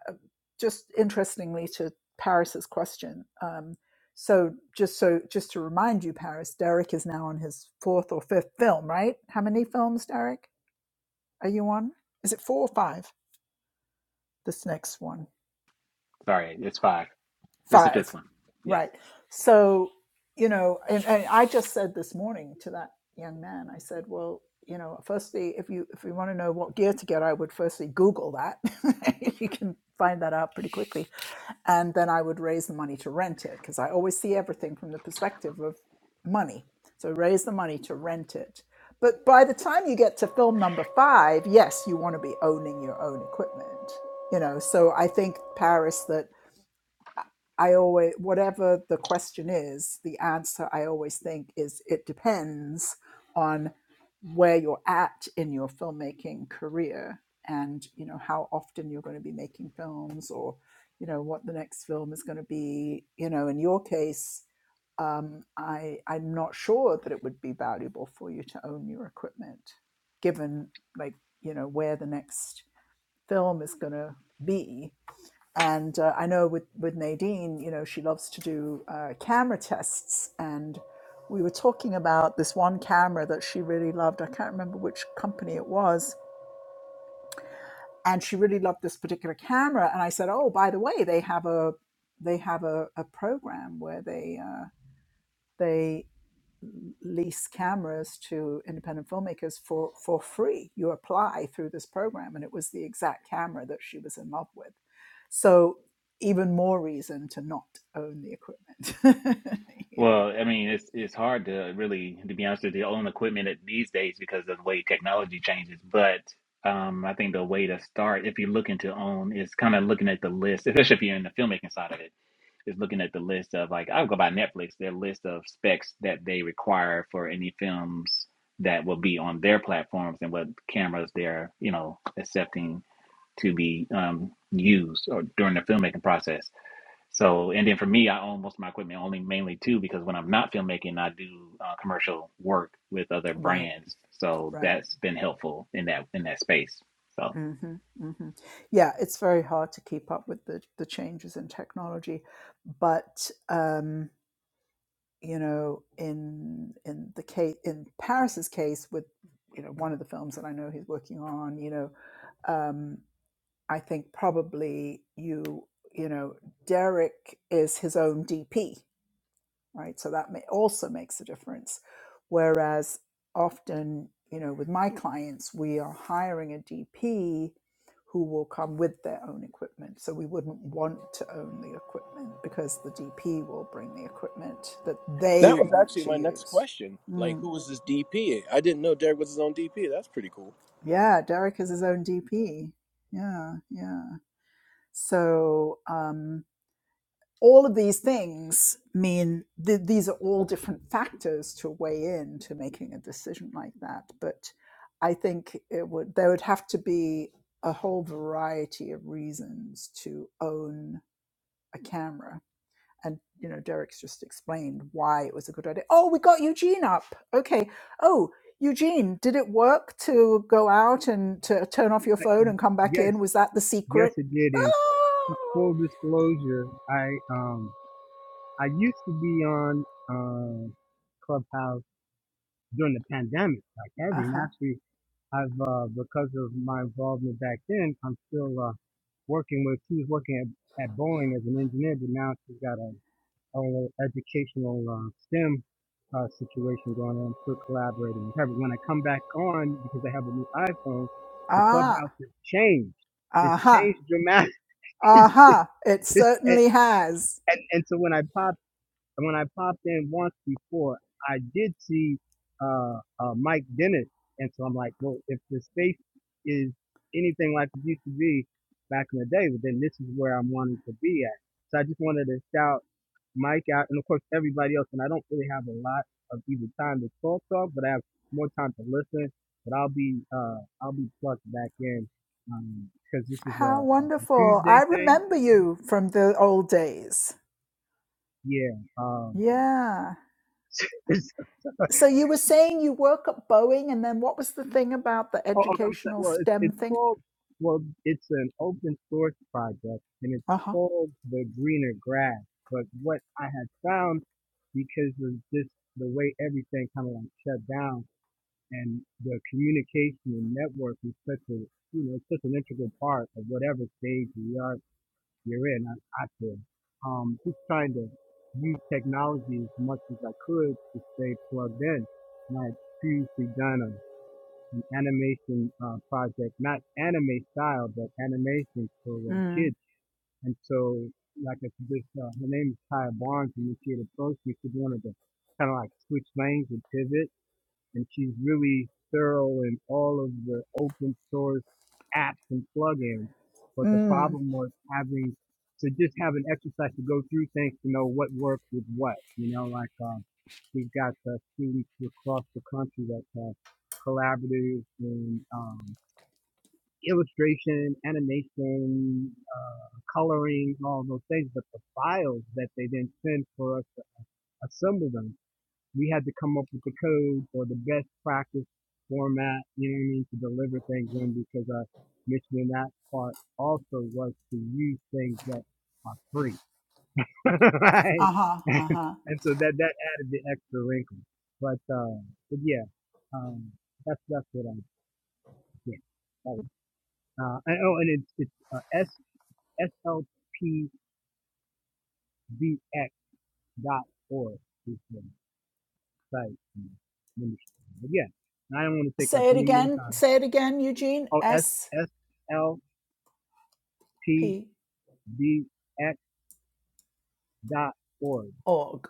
[SPEAKER 1] just interestingly to Paris's question, um, so just so just to remind you, Paris, Derek is now on his fourth or fifth film, right? How many films, Derek? Are you on? Is it four or five? This next one.
[SPEAKER 3] Sorry, it's five. This is the fifth
[SPEAKER 1] Five.
[SPEAKER 3] one. Yes.
[SPEAKER 1] Right. So, you know, and, and I just said this morning to that young man, I said, well, you know, firstly, if you if you want to know what gear to get, I would firstly Google that. (laughs) you can find that out pretty quickly. and then I would raise the money to rent it because I always see everything from the perspective of money. So raise the money to rent it. But by the time you get to film number five, yes, you want to be owning your own equipment. You know, so I think Paris that I always, whatever the question is, the answer I always think is it depends on where you're at in your filmmaking career and, you know, how often you're going to be making films or, you know, what the next film is going to be. You know, in your case, um, I, I'm not sure that it would be valuable for you to own your equipment given, like, you know, where the next film is going to be and uh, I know with with Nadine, you know, she loves to do uh, camera tests, and we were talking about this one camera that she really loved. I can't remember which company it was, and she really loved this particular camera. And I said, "Oh, by the way, they have a they have a, a program where they uh, they lease cameras to independent filmmakers for for free. You apply through this program, and it was the exact camera that she was in love with. So even more reason to not own the equipment. (laughs) Yeah.
[SPEAKER 3] Well, I mean, it's it's hard to really, to be honest with you, own equipment at- these days because of the way technology changes. But um, I think the way to start, if you're looking to own, is kind of looking at the list, especially if you're in the filmmaking side of it Is looking at the list of like I'll go by Netflix, their list of specs that they require for any films that will be on their platforms and what cameras they're, you know, accepting to be um, used or during the filmmaking process. So, and then for me, I own most of my equipment only mainly two because when I'm not filmmaking, I do uh, commercial work with other
[SPEAKER 1] Right,
[SPEAKER 3] brands. So
[SPEAKER 1] right.
[SPEAKER 3] that's been helpful in that in that space. So
[SPEAKER 1] hmm hmm Yeah, it's very hard to keep up with the, the changes in technology, but um, you know, in in the case in Paris's case with you know one of the films that I know he's working on, you know, um, I think probably you you know Derek is his own DP, right? So that may, also makes a difference. Whereas often, you know, with my clients, we are hiring a DP who will come with their own equipment. So we wouldn't want to own the equipment because the DP will bring the equipment that they
[SPEAKER 2] That was
[SPEAKER 1] want
[SPEAKER 2] actually
[SPEAKER 1] to
[SPEAKER 2] my next
[SPEAKER 1] use.
[SPEAKER 2] question. Like,
[SPEAKER 1] Mm.
[SPEAKER 2] who was this DP? I didn't know Derek was his own DP. That's pretty cool.
[SPEAKER 1] Yeah, Derek is his own DP. Yeah, yeah. So, um, all of these things mean th- these are all different factors to weigh in to making a decision like that. But I think it would there would have to be a whole variety of reasons to own a camera and you know derek's just explained why it was a good idea oh we got eugene up okay oh eugene did it work to go out and to turn off your
[SPEAKER 9] I-
[SPEAKER 1] phone and come back
[SPEAKER 9] Yes,
[SPEAKER 1] in was that the secret
[SPEAKER 9] yes, it did. And full
[SPEAKER 1] oh
[SPEAKER 9] disclosure, I um I used to be on uh, Clubhouse during the pandemic, like every. And
[SPEAKER 1] uh-huh
[SPEAKER 9] actually, I've uh, because of my involvement back then, I'm still uh, working with. She was working at, at Boeing as an engineer, but now she's got a, a little educational uh, STEM uh, situation going on. Still collaborating with her. But when I come back on, because I have a new iPhone, the
[SPEAKER 1] ah
[SPEAKER 9] Clubhouse has changed. It's
[SPEAKER 1] uh-huh
[SPEAKER 9] changed dramatically. (laughs)
[SPEAKER 1] uh-huh it
[SPEAKER 9] This and,
[SPEAKER 1] certainly has
[SPEAKER 9] and and so when I popped when I popped in once before, I did see uh, uh Mike Dennis, and so I'm like, well, if the space is anything like it used to be back in the day, but then this is where I'm wanting to be at. So I just wanted to shout Mike out, and of course everybody else. And I don't really have a lot of either time to talk talk, but I have more time to listen. But I'll be uh I'll be plugged back in um because this is a,
[SPEAKER 1] how
[SPEAKER 9] a a
[SPEAKER 1] wonderful i
[SPEAKER 9] Tuesday thing.
[SPEAKER 1] remember you from the old days
[SPEAKER 9] Yeah. Um
[SPEAKER 1] yeah
[SPEAKER 9] (laughs)
[SPEAKER 1] So you were saying you work at Boeing, and then what was the thing about the
[SPEAKER 9] Oh, oh, I'm sorry.
[SPEAKER 1] educational
[SPEAKER 9] Well, it's
[SPEAKER 1] STEM
[SPEAKER 9] it's
[SPEAKER 1] thing?
[SPEAKER 9] called well, it's an open source project and it's
[SPEAKER 1] Uh huh.
[SPEAKER 9] called the greener grass. But what I had found because of just the way everything kind of like shut down and the communication and network is such a you know it's such an integral part of whatever stage you are you're in. I, I feel um just trying to use technology as much as I could to stay plugged in. And I had previously done a. animation uh, project, not anime style, but animation for uh,
[SPEAKER 1] Mm.
[SPEAKER 9] kids. And so, like I said, this, uh, her name is Kaya Barnes, and she had approached me, she wanted to kind of like switch lanes and pivot and she's really thorough in all of the open source apps and plugins. But the
[SPEAKER 1] Mm.
[SPEAKER 9] problem was having to just have an exercise to go through things to know what works with what. You know, like um, we've got uh, students across the country that have collaboratives in um, illustration, animation, uh, coloring, all those things. But the files that they then send for us to assemble them we had to come up with the code or the best practice format, you know what I mean, to deliver things in because our mission in that part also was to use things that are free. (laughs) right?
[SPEAKER 1] Uh huh.
[SPEAKER 9] (laughs)
[SPEAKER 1] Uh huh.
[SPEAKER 9] and so that that added the extra wrinkle. But uh but yeah, um that's that's what I get. Uh, and, oh, and it's it's uh, s S L P V X dot org is the site. But yeah, I don't want to take up
[SPEAKER 1] Say it
[SPEAKER 9] any more
[SPEAKER 1] again.
[SPEAKER 9] time.
[SPEAKER 1] Say it again, Eugene.
[SPEAKER 9] oh, S,
[SPEAKER 1] SP
[SPEAKER 9] S, L, P, B, X dot org.
[SPEAKER 1] org.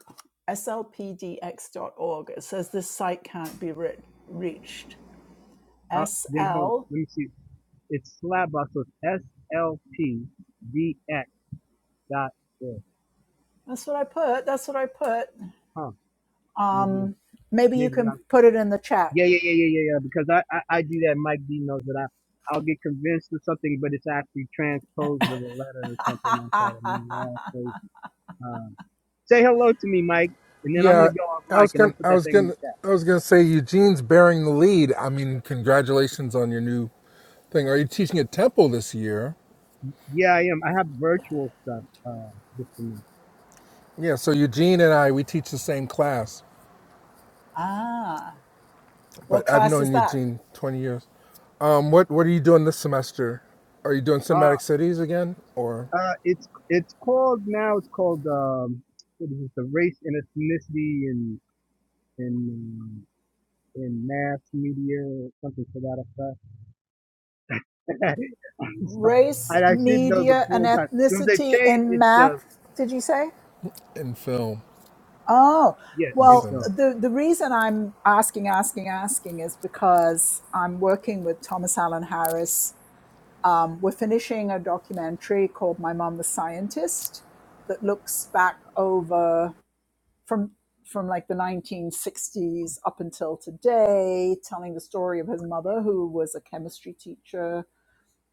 [SPEAKER 1] slpdx.org. It says this site can't be re- reached.
[SPEAKER 9] Uh, then hold on.
[SPEAKER 1] SL.
[SPEAKER 9] Let me see. It's Slabbox. So it's S, L, P, B, X dot org.
[SPEAKER 1] That's what I put. That's what I put.
[SPEAKER 9] Huh. Maybe,
[SPEAKER 1] Um, maybe you
[SPEAKER 9] maybe
[SPEAKER 1] can
[SPEAKER 9] I'm,
[SPEAKER 1] put it in the chat.
[SPEAKER 9] yeah, yeah, yeah, yeah, yeah, yeah. Because I, I, I do that. Mike D knows that I, I'll get convinced of something, but it's actually transposed of a letter or something
[SPEAKER 1] (laughs)
[SPEAKER 9] like that.
[SPEAKER 1] Ah,
[SPEAKER 9] I
[SPEAKER 1] ah.
[SPEAKER 9] mean, we're all crazy. Um, say hello to me, Mike. And then I'm
[SPEAKER 8] Yeah,
[SPEAKER 9] gonna go on
[SPEAKER 8] I
[SPEAKER 9] Mike
[SPEAKER 8] was
[SPEAKER 9] and I'll
[SPEAKER 8] gonna
[SPEAKER 9] put
[SPEAKER 8] I
[SPEAKER 9] that
[SPEAKER 8] was
[SPEAKER 9] thing in the
[SPEAKER 8] gonna
[SPEAKER 9] chat.
[SPEAKER 8] I was gonna say Eugene's bearing the lead. I mean, congratulations on your new thing. Are you teaching at Temple this year?
[SPEAKER 9] Yeah, I am. I have virtual stuff. Uh, just a minute.
[SPEAKER 8] Yeah. So Eugene and I we teach the same class,
[SPEAKER 1] ah. What
[SPEAKER 8] but I've
[SPEAKER 1] class is
[SPEAKER 8] known
[SPEAKER 1] that?
[SPEAKER 8] Eugene 20 years. Um, what what are you doing this semester? Are you doing cinematic cities again or
[SPEAKER 9] Uh, it's it's called now. It's called um, what is it? The race and ethnicity in in um, in mass media, or something to that effect. (laughs) I'm sorry.
[SPEAKER 1] race,
[SPEAKER 9] and I should know the
[SPEAKER 1] media, and
[SPEAKER 9] full time. Since they
[SPEAKER 1] ethnicity
[SPEAKER 9] changed
[SPEAKER 1] in
[SPEAKER 9] it
[SPEAKER 1] math.
[SPEAKER 9] to
[SPEAKER 1] Did you say?
[SPEAKER 8] in film
[SPEAKER 1] Oh,
[SPEAKER 9] yeah,
[SPEAKER 8] in
[SPEAKER 9] and
[SPEAKER 1] well,
[SPEAKER 9] so
[SPEAKER 8] cinema?
[SPEAKER 1] the, the reason I'm asking, asking, asking is because I'm working with Thomas Allen Harris. Um, we're finishing a documentary called My Mom the Scientist that looks back over from from like the 1960s up until today, telling the story of his mother, who was a chemistry teacher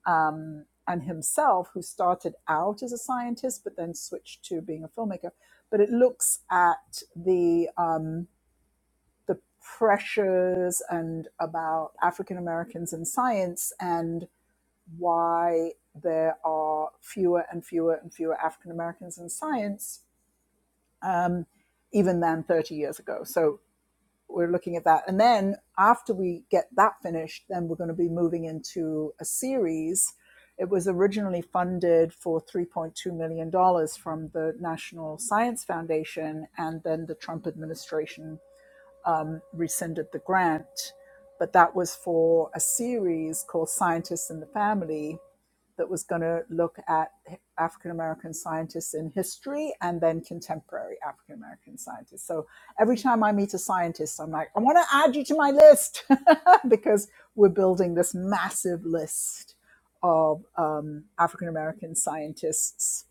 [SPEAKER 1] um, and himself, who started out as a scientist but then switched to being a filmmaker. But it looks at the um, the pressures and about African Americans in science and why there are fewer and fewer and fewer African Americans in science, um, even than 30 years ago. So we're looking at that. And then after we get that finished, then we're going to be moving into a series. It was originally funded for $3.2 million dollars from the National Science Foundation, and then the Trump administration um, rescinded the grant. But that was for a series called Scientists in the Family, that was going to look at African American scientists in history and then contemporary African American scientists. So every time I meet a scientist, I'm like, I want to add you to my list (laughs) because we're building this massive list of um, African American scientists.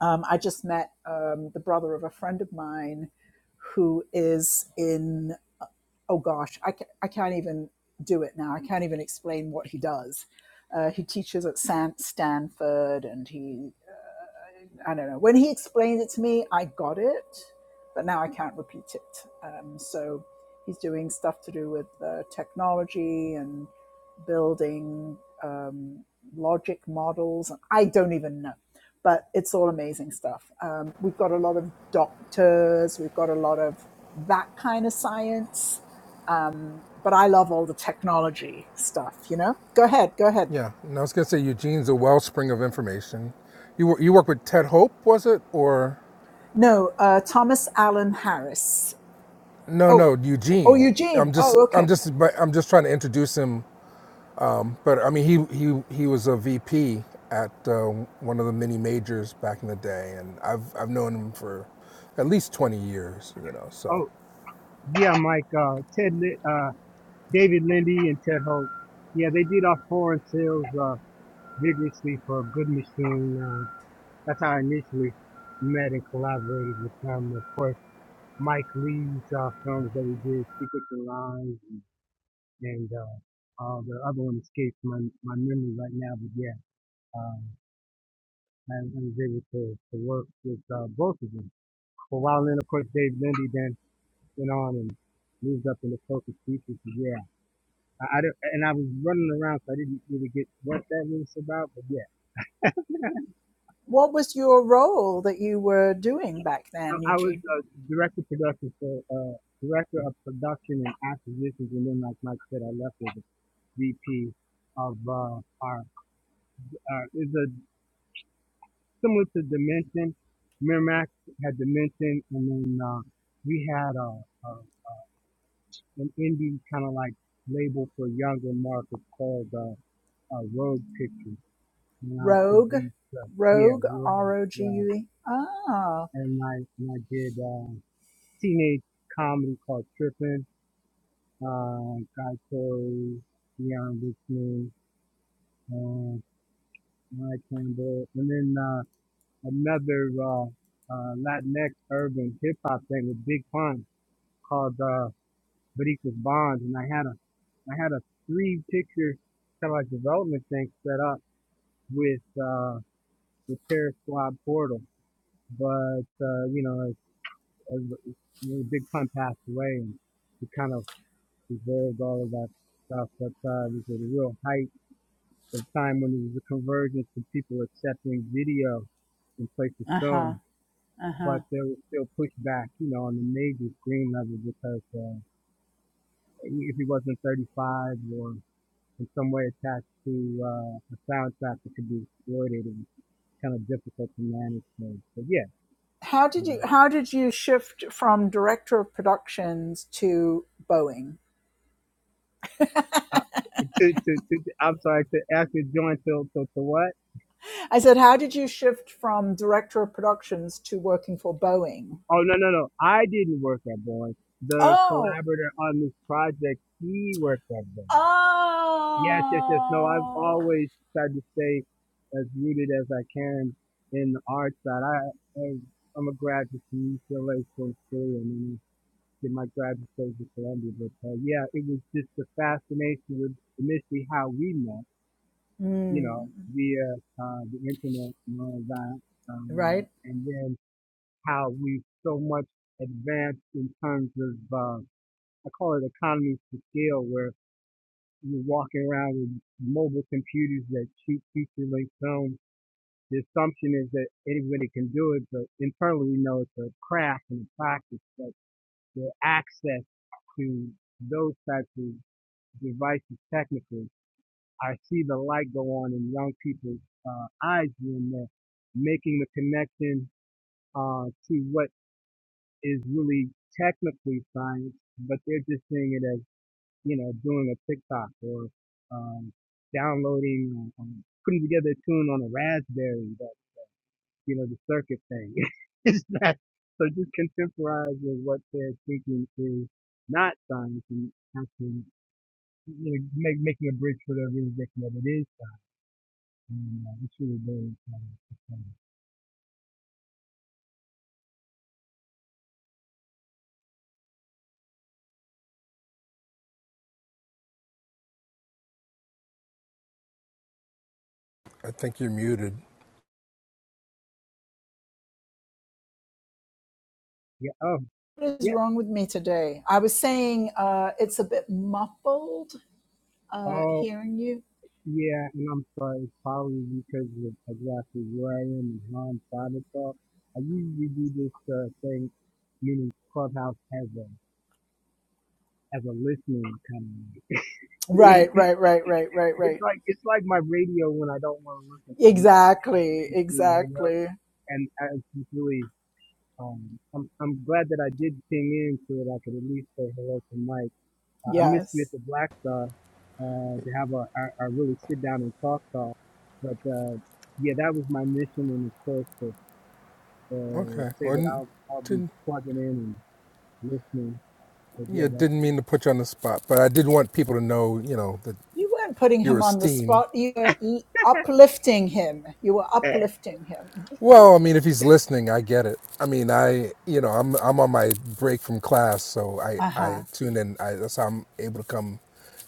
[SPEAKER 1] Um, I just met um, the brother of a friend of mine who is in oh gosh, I, ca- I can't even do it now. I can't even explain what he does. Uh, he teaches at San- Stanford, and he, I don't know. When he explained it to me, I got it, but now I can't repeat it. Um, so he's doing stuff to do with uh, technology and building um, logic models. I don't even know, but it's all amazing stuff. Um, we've got a lot of doctors, we've got a lot of that kind of science um, but I love all the technology stuff, you know? Go ahead, go ahead.
[SPEAKER 8] Yeah, and I was going to say Eugene's a wellspring of information. You you work with Ted Hope, was it? Or
[SPEAKER 1] No, uh, Thomas Allen Harris.
[SPEAKER 8] no,
[SPEAKER 1] Oh,
[SPEAKER 8] no,
[SPEAKER 1] oh,
[SPEAKER 8] Eugene.
[SPEAKER 1] Eugene.
[SPEAKER 8] I'm just
[SPEAKER 1] Oh,
[SPEAKER 8] I'm
[SPEAKER 1] okay.
[SPEAKER 8] just I'm just trying to introduce him. But I mean, he he he was a VP at uh, one of the mini majors back in the day, and I've I've known him for at least 20 years. You know, so
[SPEAKER 9] oh yeah, Mike, uh, Ted, Lin- uh, David Lindy and Ted Holt. Yeah, they did our foreign sales uh, vigorously for Good Machine. Uh, that's how I initially met and collaborated with them. Of course Mike Lee's uh, films that we did, Secrets and Lies, and, and uh, uh, the other one escapes my, my memory right now, but yeah, um, I, I was able to, to work with uh, both of them for a while. Then, of course, Dave Lindy then went on and moved up into focus features. So yeah, I, I don't- and I was running around, so I didn't really get what that was about, but yeah,
[SPEAKER 1] What was your role that you were doing back then,
[SPEAKER 9] I, I was
[SPEAKER 1] Eugene?
[SPEAKER 9] uh, director of production for. Uh, Director of production and acquisitions, and then, like Mike said, I left as a VP of uh, our Uh, it's a similar to Dimension. Miramax had Dimension, and then uh, we had uh, uh, an indie kind of like label for younger markets called uh, uh, Road Pictures, and I
[SPEAKER 1] Rogue?
[SPEAKER 9] produced uh, yeah
[SPEAKER 1] Rogue?
[SPEAKER 9] Road,
[SPEAKER 1] R O G
[SPEAKER 9] uh,
[SPEAKER 1] U E? Ah,
[SPEAKER 9] and I and I did uh, teenage comedy called Trippin', uh, Guy Code, Leon Richmond, uh, Ryan Campbell, and then. Uh, another uh, uh, Latinx urban hip hop thing with Big Pun called uh, Barica's Bonds, and I had a I had a three picture kind of like development thing set up with uh, the Terror Squad portal, but uh, you know as, as you know, Big Pun passed away, and we kind of evolved all of that stuff, but uh, this was a real height of time when there was a convergence of people accepting video in place of
[SPEAKER 1] uh
[SPEAKER 9] film
[SPEAKER 1] huh, uh huh.
[SPEAKER 9] but there was still pushback, you know, on the major screen level because uh, if he wasn't 35 or in some way attached to uh, a soundtrack that could be exploited, it was kind of difficult to manage. So, but yeah,
[SPEAKER 1] How did you how did you shift from director of productions to Boeing?
[SPEAKER 9] uh, to, to, to, I'm sorry, to ask you to join till, till, to what?
[SPEAKER 1] I said, how did you shift from director of productions to working for Boeing?
[SPEAKER 9] Oh, no, no, no. I didn't work at Boeing. The
[SPEAKER 1] Oh,
[SPEAKER 9] collaborator on this project, he worked at Boeing. Yes, yes, yes. No, I've
[SPEAKER 1] Oh,
[SPEAKER 9] always tried to stay as rooted as I can in the art side. I, I I'm a graduate from UCLA School of Theater, and then did my graduate studies at Columbia. But uh, yeah, it was just the fascination with initially how we met, you
[SPEAKER 1] Mm,
[SPEAKER 9] know, via uh, the internet and all of that, um,
[SPEAKER 1] right?
[SPEAKER 9] and then how we so much advanced in terms of uh, I call it economies to scale, where you're walking around with mobile computers that shoot feature length films. The assumption is that anybody can do it, but internally we know it's a craft and a practice. But the access to those types of devices technically, I see the light go on in young people's uh, eyes when they're making the connection uh, to what is really technically science, but they're just seeing it as you know, doing a TikTok or um, downloading, um, um, putting together a tune on a Raspberry, that, you know, the circuit thing. (laughs) it's not, so just contemporize with what they're thinking is not science and actually you know, make, making a bridge for their realization that it is. And, uh, it's really very, um,
[SPEAKER 8] I think you're muted.
[SPEAKER 9] yeah, oh,
[SPEAKER 1] what is
[SPEAKER 9] yeah.
[SPEAKER 1] wrong with me today? I was saying uh, it's a bit muffled uh,
[SPEAKER 9] Oh.
[SPEAKER 1] hearing you.
[SPEAKER 9] Yeah, and I'm sorry, it's probably because of exactly where I am and how I'm started up. I usually do this uh, thing, meaning Clubhouse as a as a listening kind of. (laughs)
[SPEAKER 1] Right, right, right, right, right,
[SPEAKER 9] it's
[SPEAKER 1] right.
[SPEAKER 9] like it's like my radio when I don't want to listen to you know
[SPEAKER 1] Exactly,
[SPEAKER 9] grade school radio,
[SPEAKER 1] exactly.
[SPEAKER 9] and I- it's just really um I'm I'm glad that I did ping in so that I could at least say hello to Mike. Uh, I miss with
[SPEAKER 1] Yes.
[SPEAKER 9] the Black Star uh, to have a, a, a really sit down and talk talk. But uh, yeah, that was my mission, and of course to uh,
[SPEAKER 8] Okay.
[SPEAKER 9] say
[SPEAKER 8] Well,
[SPEAKER 9] that I'll I'll be
[SPEAKER 8] didn't
[SPEAKER 9] plugging in and listening. But yeah,
[SPEAKER 8] yeah didn't mean to put you on the spot, but I did want people to know you know that
[SPEAKER 1] You weren't putting
[SPEAKER 8] your
[SPEAKER 1] him on the
[SPEAKER 8] esteem.
[SPEAKER 1] spot. You were uplifting him. You were
[SPEAKER 9] that's
[SPEAKER 1] uplifting him.
[SPEAKER 8] Well, I mean, if he's listening, I get it. I mean, I, you know, I'm I'm on my break from class, so I
[SPEAKER 1] Uh
[SPEAKER 8] I
[SPEAKER 1] huh.
[SPEAKER 8] tune in. I, that's how I'm able to come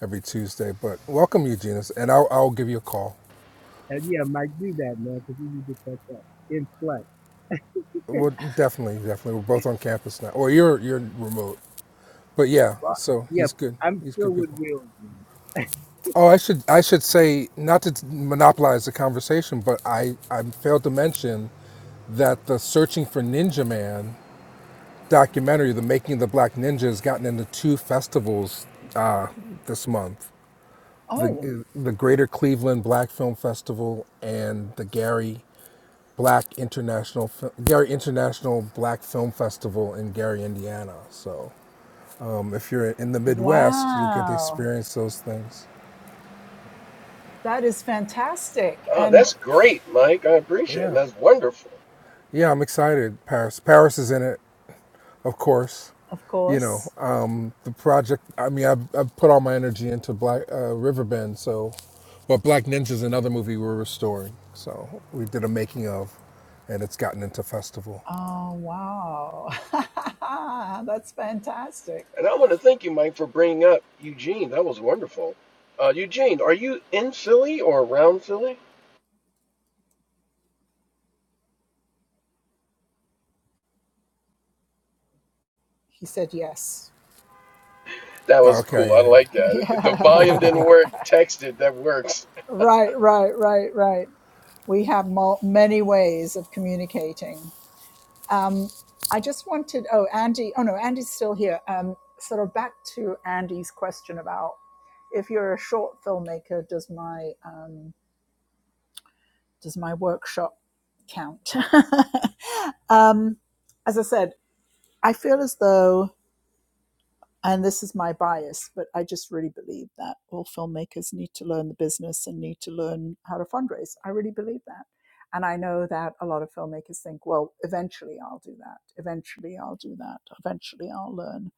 [SPEAKER 8] every Tuesday. But welcome, Eugenius, and I'll I'll give you a call.
[SPEAKER 9] and yeah, Mike, do that, man, because we need to catch up in flex.
[SPEAKER 8] Well, definitely, definitely. We're both on campus now. Or you're you're remote, but yeah.
[SPEAKER 9] But
[SPEAKER 8] So
[SPEAKER 9] yeah,
[SPEAKER 8] he's good.
[SPEAKER 9] I'm
[SPEAKER 8] He's
[SPEAKER 9] still
[SPEAKER 8] good
[SPEAKER 9] with
[SPEAKER 8] people.
[SPEAKER 9] Will. man.
[SPEAKER 8] Oh, I should I should say not to monopolize the conversation, but I I failed to mention that the searching for Ninja Man documentary, The Making of the Black Ninja, has gotten into two festivals uh, this month
[SPEAKER 1] Oh,
[SPEAKER 8] the, the Greater Cleveland Black Film Festival and the Gary Black International Gary International Black Film Festival in Gary, Indiana. So um, if you're in the Midwest, you get to
[SPEAKER 1] wow.
[SPEAKER 8] experience those things.
[SPEAKER 1] That is fantastic.
[SPEAKER 2] Oh,
[SPEAKER 1] And
[SPEAKER 2] that's great, Mike. I appreciate it.
[SPEAKER 8] Yeah,
[SPEAKER 2] That's wonderful.
[SPEAKER 8] yeah, I'm excited. Paris, Paris is in it. of course.
[SPEAKER 1] of
[SPEAKER 8] You
[SPEAKER 1] course,
[SPEAKER 8] know, um, the project, I mean, I've, I've put all my energy into Black uh, River Bend. so, but Black Ninja's another movie we're restoring. So we did a making of, and it's gotten into festival.
[SPEAKER 1] Oh, wow. (laughs) That's fantastic.
[SPEAKER 2] And I want to thank you, Mike, for bringing up Eugene. That was wonderful. Uh, Eugene, are you in Philly or around Philly?
[SPEAKER 1] He said yes.
[SPEAKER 2] That was cool.
[SPEAKER 8] Okay,
[SPEAKER 2] I
[SPEAKER 8] yeah, yeah.
[SPEAKER 2] like
[SPEAKER 1] (laughs)
[SPEAKER 2] that. The volume
[SPEAKER 1] yeah.
[SPEAKER 2] didn't work. Text it. That works.
[SPEAKER 1] Right, right, right, right. We have mul- many ways of communicating. Um, I just wanted, oh, Andy, oh no, Andy's still here. Um, sort of back to Andy's question about if you're a short filmmaker, does my, um, does my workshop count? (laughs) um, as I said, I feel as though and this is my bias, but I just really believe that all filmmakers need to learn the business and need to learn how to fundraise. I really believe that. And I know that a lot of filmmakers think, well, eventually I'll do that. Eventually I'll do that. Eventually I'll learn.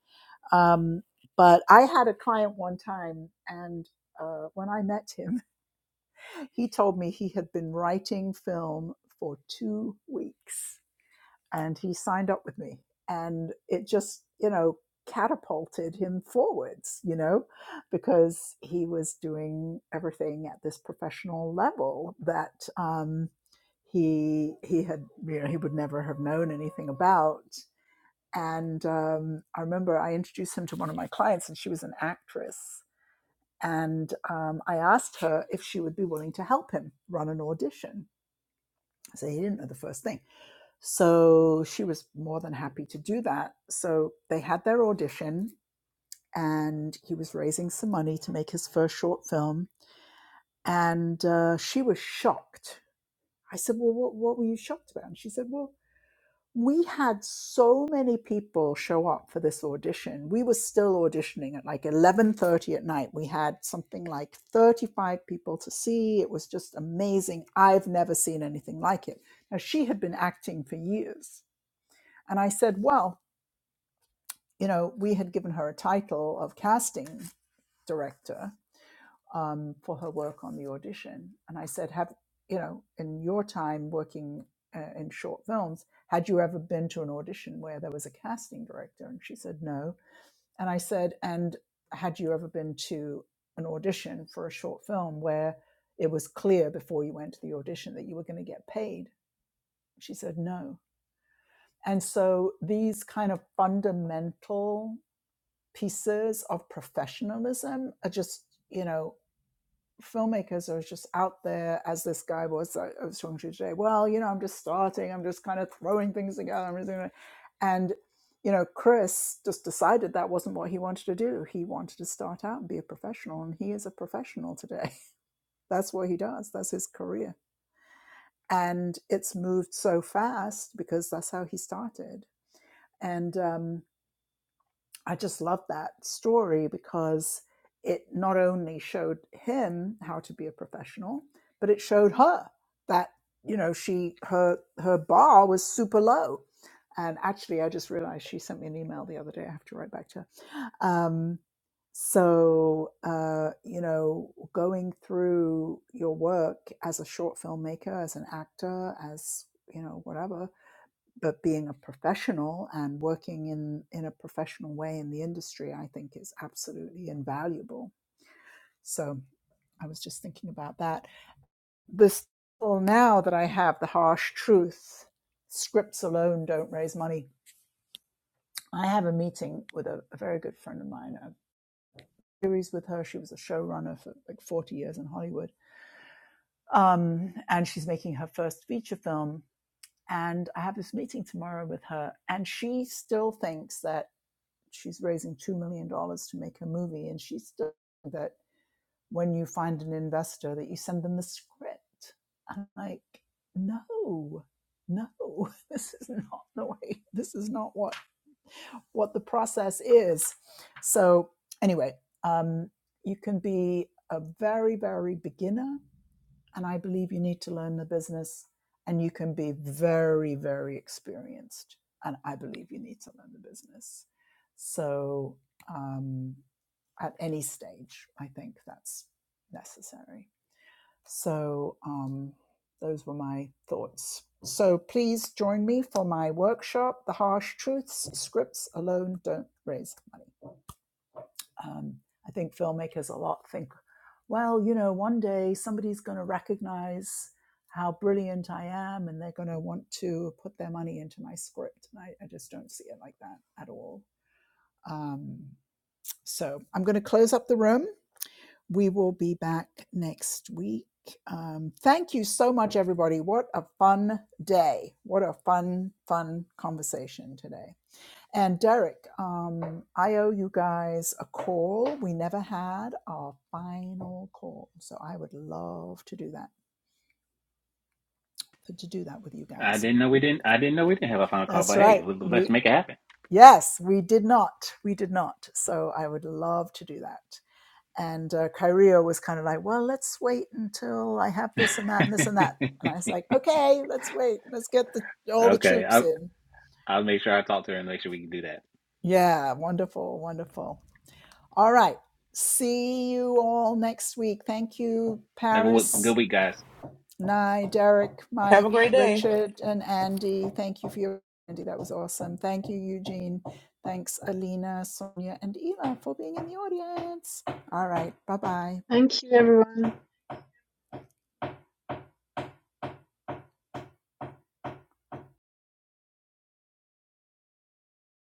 [SPEAKER 1] Um, but I had a client one time, and uh, when I met him, (laughs) he told me he had been writing film for two weeks and he signed up with me and it just you know catapulted him forwards you know because he was doing everything at this professional level that um, he he had you know he would never have known anything about and um, i remember i introduced him to one of my clients and she was an actress and um, i asked her if she would be willing to help him run an audition so he didn't know the first thing so she was more than happy to do that. So they had their audition, and he was raising some money to make his first short film. And uh, she was shocked. I said, Well, what, what were you shocked about? And she said, Well, we had so many people show up for this audition. We were still auditioning at like 11:30 at night. We had something like 35 people to see. It was just amazing. I've never seen anything like it. Now she had been acting for years. And I said, Well, you know, we had given her a title of casting director um, for her work on the audition. And I said, Have, you know, in your time working uh, in short films, had you ever been to an audition where there was a casting director? And she said, No. And I said, And had you ever been to an audition for a short film where it was clear before you went to the audition that you were going to get paid? She said, No. And so these kind of fundamental pieces of professionalism are just, you know, filmmakers are just out there as this guy was I I was talking to you today. Well, you know, I'm just starting, I'm just kind of throwing things together. I'm just gonna-" and you know, Chris just decided that wasn't what he wanted to do. He wanted to start out and be a professional, and he is a professional today. (laughs) That's what he does. That's his career. And it's moved so fast because that's how he started. And um, I just love that story because it not only showed him how to be a professional, but it showed her that you know she her her bar was super low. And actually, I just realized she sent me an email the other day. I have to write back to her. Um, so uh, you know, going through your work as a short filmmaker, as an actor, as you know, whatever, but being a professional and working in in a professional way in the industry i think is absolutely invaluable so i was just thinking about that this well now that i have the harsh truth scripts alone don't raise money i have a meeting with a, a very good friend of mine a series with her she was a showrunner for like 40 years in hollywood um, and she's making her first feature film and i have this meeting tomorrow with her and she still thinks that she's raising $2 million dollars to make a movie. And she's done that when you find an investor that you send them the script. I'm like, no, no, (laughs) this is not the way, this is not what, what the process is. So anyway, um, you can be a very, very beginner and I believe you need to learn the business and you can be very, very experienced. And I believe you need to learn the business. So, um, at any stage, I think that's necessary. So, um, those were my thoughts. So, please join me for my workshop, The Harsh Truths Scripts Alone Don't Raise Money. Um, I think filmmakers a lot think, well, you know, one day somebody's going to recognize how brilliant I am and they're going to want to put their money into my script. And I, I just don't see it like that at all. Um, so I'm going to close up the room. We will be back next week. Um, thank you so much, everybody. What a fun day. What a fun, fun conversation today. And Derek, um, I owe you guys a call. We never had our final call, so I would love to do that to do that with you
[SPEAKER 3] I
[SPEAKER 1] guys.
[SPEAKER 3] didn't know we didn't I didn't know we didn't have a final call,
[SPEAKER 1] That's
[SPEAKER 3] but hey,
[SPEAKER 1] right.
[SPEAKER 3] let's
[SPEAKER 1] We
[SPEAKER 3] make it happen.
[SPEAKER 1] yes, we did not. We did not. So I would love to do that. And uh, Kyrio was kind of like, well, let's wait until I have this and that and this and that. And I was like, okay, let's wait. Let's get the, all the
[SPEAKER 3] Okay,
[SPEAKER 1] troops
[SPEAKER 3] I.
[SPEAKER 1] in.
[SPEAKER 3] I'll make sure I talk to her and make sure we can do that.
[SPEAKER 1] Yeah, wonderful, wonderful. All right. See you all next week. Thank you,
[SPEAKER 3] Have a w-
[SPEAKER 1] Paris,
[SPEAKER 3] good week, guys.
[SPEAKER 1] Nye, Derek,
[SPEAKER 4] Have
[SPEAKER 1] Mike,
[SPEAKER 4] a great day.
[SPEAKER 1] Richard, and Andy. Thank you for your Andy. That was awesome. Thank you, Eugene. Thanks, Alina, Sonia, and Eva for being in the audience. All right. Bye bye.
[SPEAKER 6] Thank you, everyone.